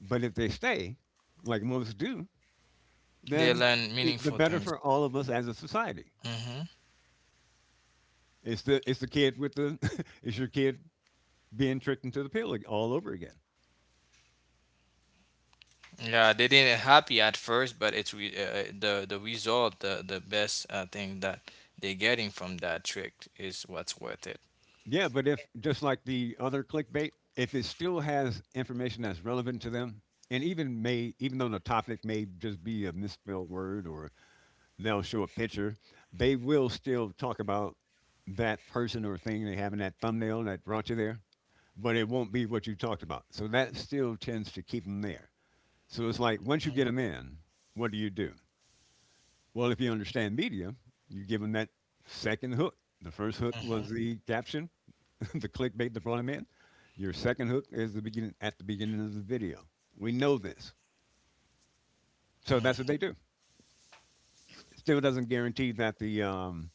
B: But if they stay, like most do,
C: They
B: then
C: learn
B: the
C: meaningful
B: better
C: things.
B: for all of us as a society.
C: hmm
B: It's the kid with the it's your kid being tricked into the pill all over again.
C: Yeah, they didn't happy at first, but it's the result, the best thing that they're getting from that trick is what's worth it.
B: Yeah, but if just like the other clickbait, if it still has information that's relevant to them, and even may even though the topic may just be a misspelled word or they'll show a picture, they will still talk about that person or thing they have in that thumbnail that brought you there, but it won't be what you talked about. So that still tends to keep them there. So it's like once you get them in, what do you do? Well, if you understand media, you give them that second hook. The first hook
C: Mm-hmm.
B: was the caption, the clickbait to brought them in. Your second hook is the beginning of the video. We know this, so that's what they do. Still doesn't guarantee that the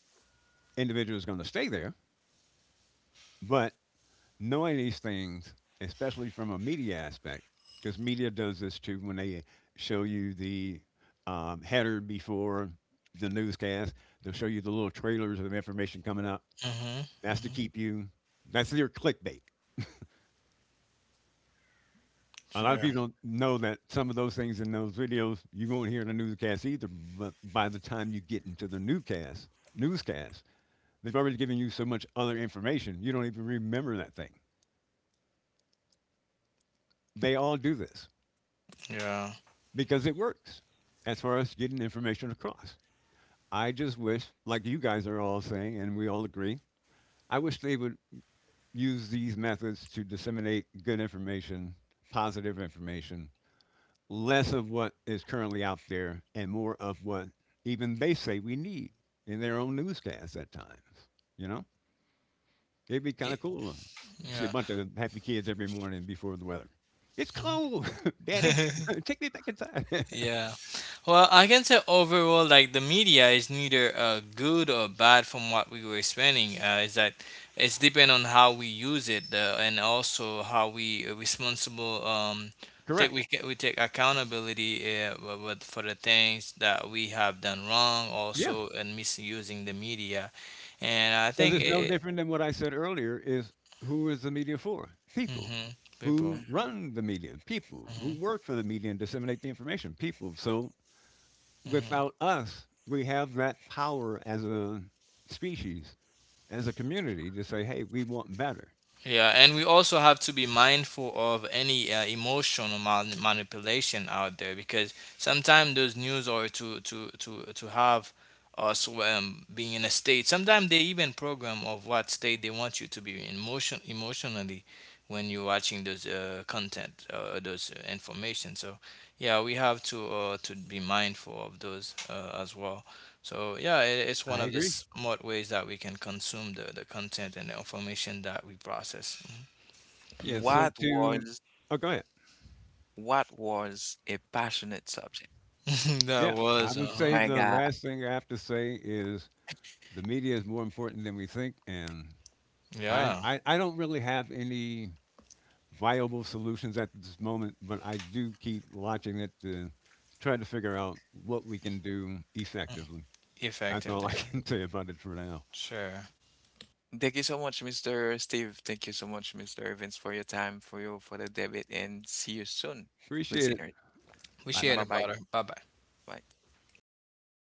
B: individual is going to stay there, but knowing these things, especially from a media aspect, because media does this too when they show you the header before the newscast, they'll show you the little trailers of information coming up.
C: Mm-hmm.
B: That's to keep you. That's your clickbait. A lot of
C: Sure.
A: Mhm,
B: people don't know that some of those things in those videos you won't hear in the newscast either. But by the time you get into newscast, they've already given you so much other information you don't even remember that thing. They all do this
C: Yeah.
B: because it works as far as getting information across. I just wish, like you guys are all saying, and we all agree, I wish they would use these methods to disseminate good information, positive information, less of what is currently out there and more of what even they say we need in their own newscasts at times. You know, it'd be kind
C: Y-
B: of cool to see a
C: Yeah.
B: bunch of happy kids every morning before the weather. It's cold, Daddy.
C: Mhm.
B: Take me back inside.
C: Yeah. Well, I can say overall, like the media is neither good or bad from what we were explaining. Is that it's depend on how we use it and also how we responsible take
B: Correct.
C: we take accountability for the things that we have done wrong
B: Yeah,
C: also and misusing the media, and I
B: because
C: think
B: it's
C: it.
B: no
C: it
B: different than what I said earlier. Is who is the media for? People
C: hmm People.
B: who
A: mhm.
B: run the media, people
C: hmm
B: who work for the media and disseminate the information, people. So without us, we have that power as a species, as a community to say, hey, we want better.
C: Yeah, and we also have to be mindful of any emotional manipulation out there because sometimes those news are to have us being in a state. Sometimes they even program of what state they want you to be in emotionally when you're watching those content, those information. So yeah, we have to be mindful of those as well. So yeah, it, it's one
B: I
C: of the
B: agree.
C: smart ways that we can consume the content and the information that we process.
B: Yeah. So
A: What was,
B: oh, go ahead.
A: what was a passionate subject?
C: That
B: Yeah. I
C: was,
B: would
C: uh-huh.
B: say
A: My
B: the
A: God.
B: last thing I have to say is the media is more important than we think. And
C: Yeah,
B: I don't really have any viable solutions at this moment, but I do keep watching it to try to figure out what we can do effectively. That's
C: effective
B: all I
C: there.
B: can say about it for now.
C: Sure.
A: Thank you so much, Mr. Steve. Thank you so much, Mr. Evans, for your time, for the debate, and see you soon,
B: Appreciate it.
A: listeners.
C: We
B: Bye
C: shared
B: bye.
A: Bye
C: it,
A: bye.
C: brother. Bye bye.
A: Bye.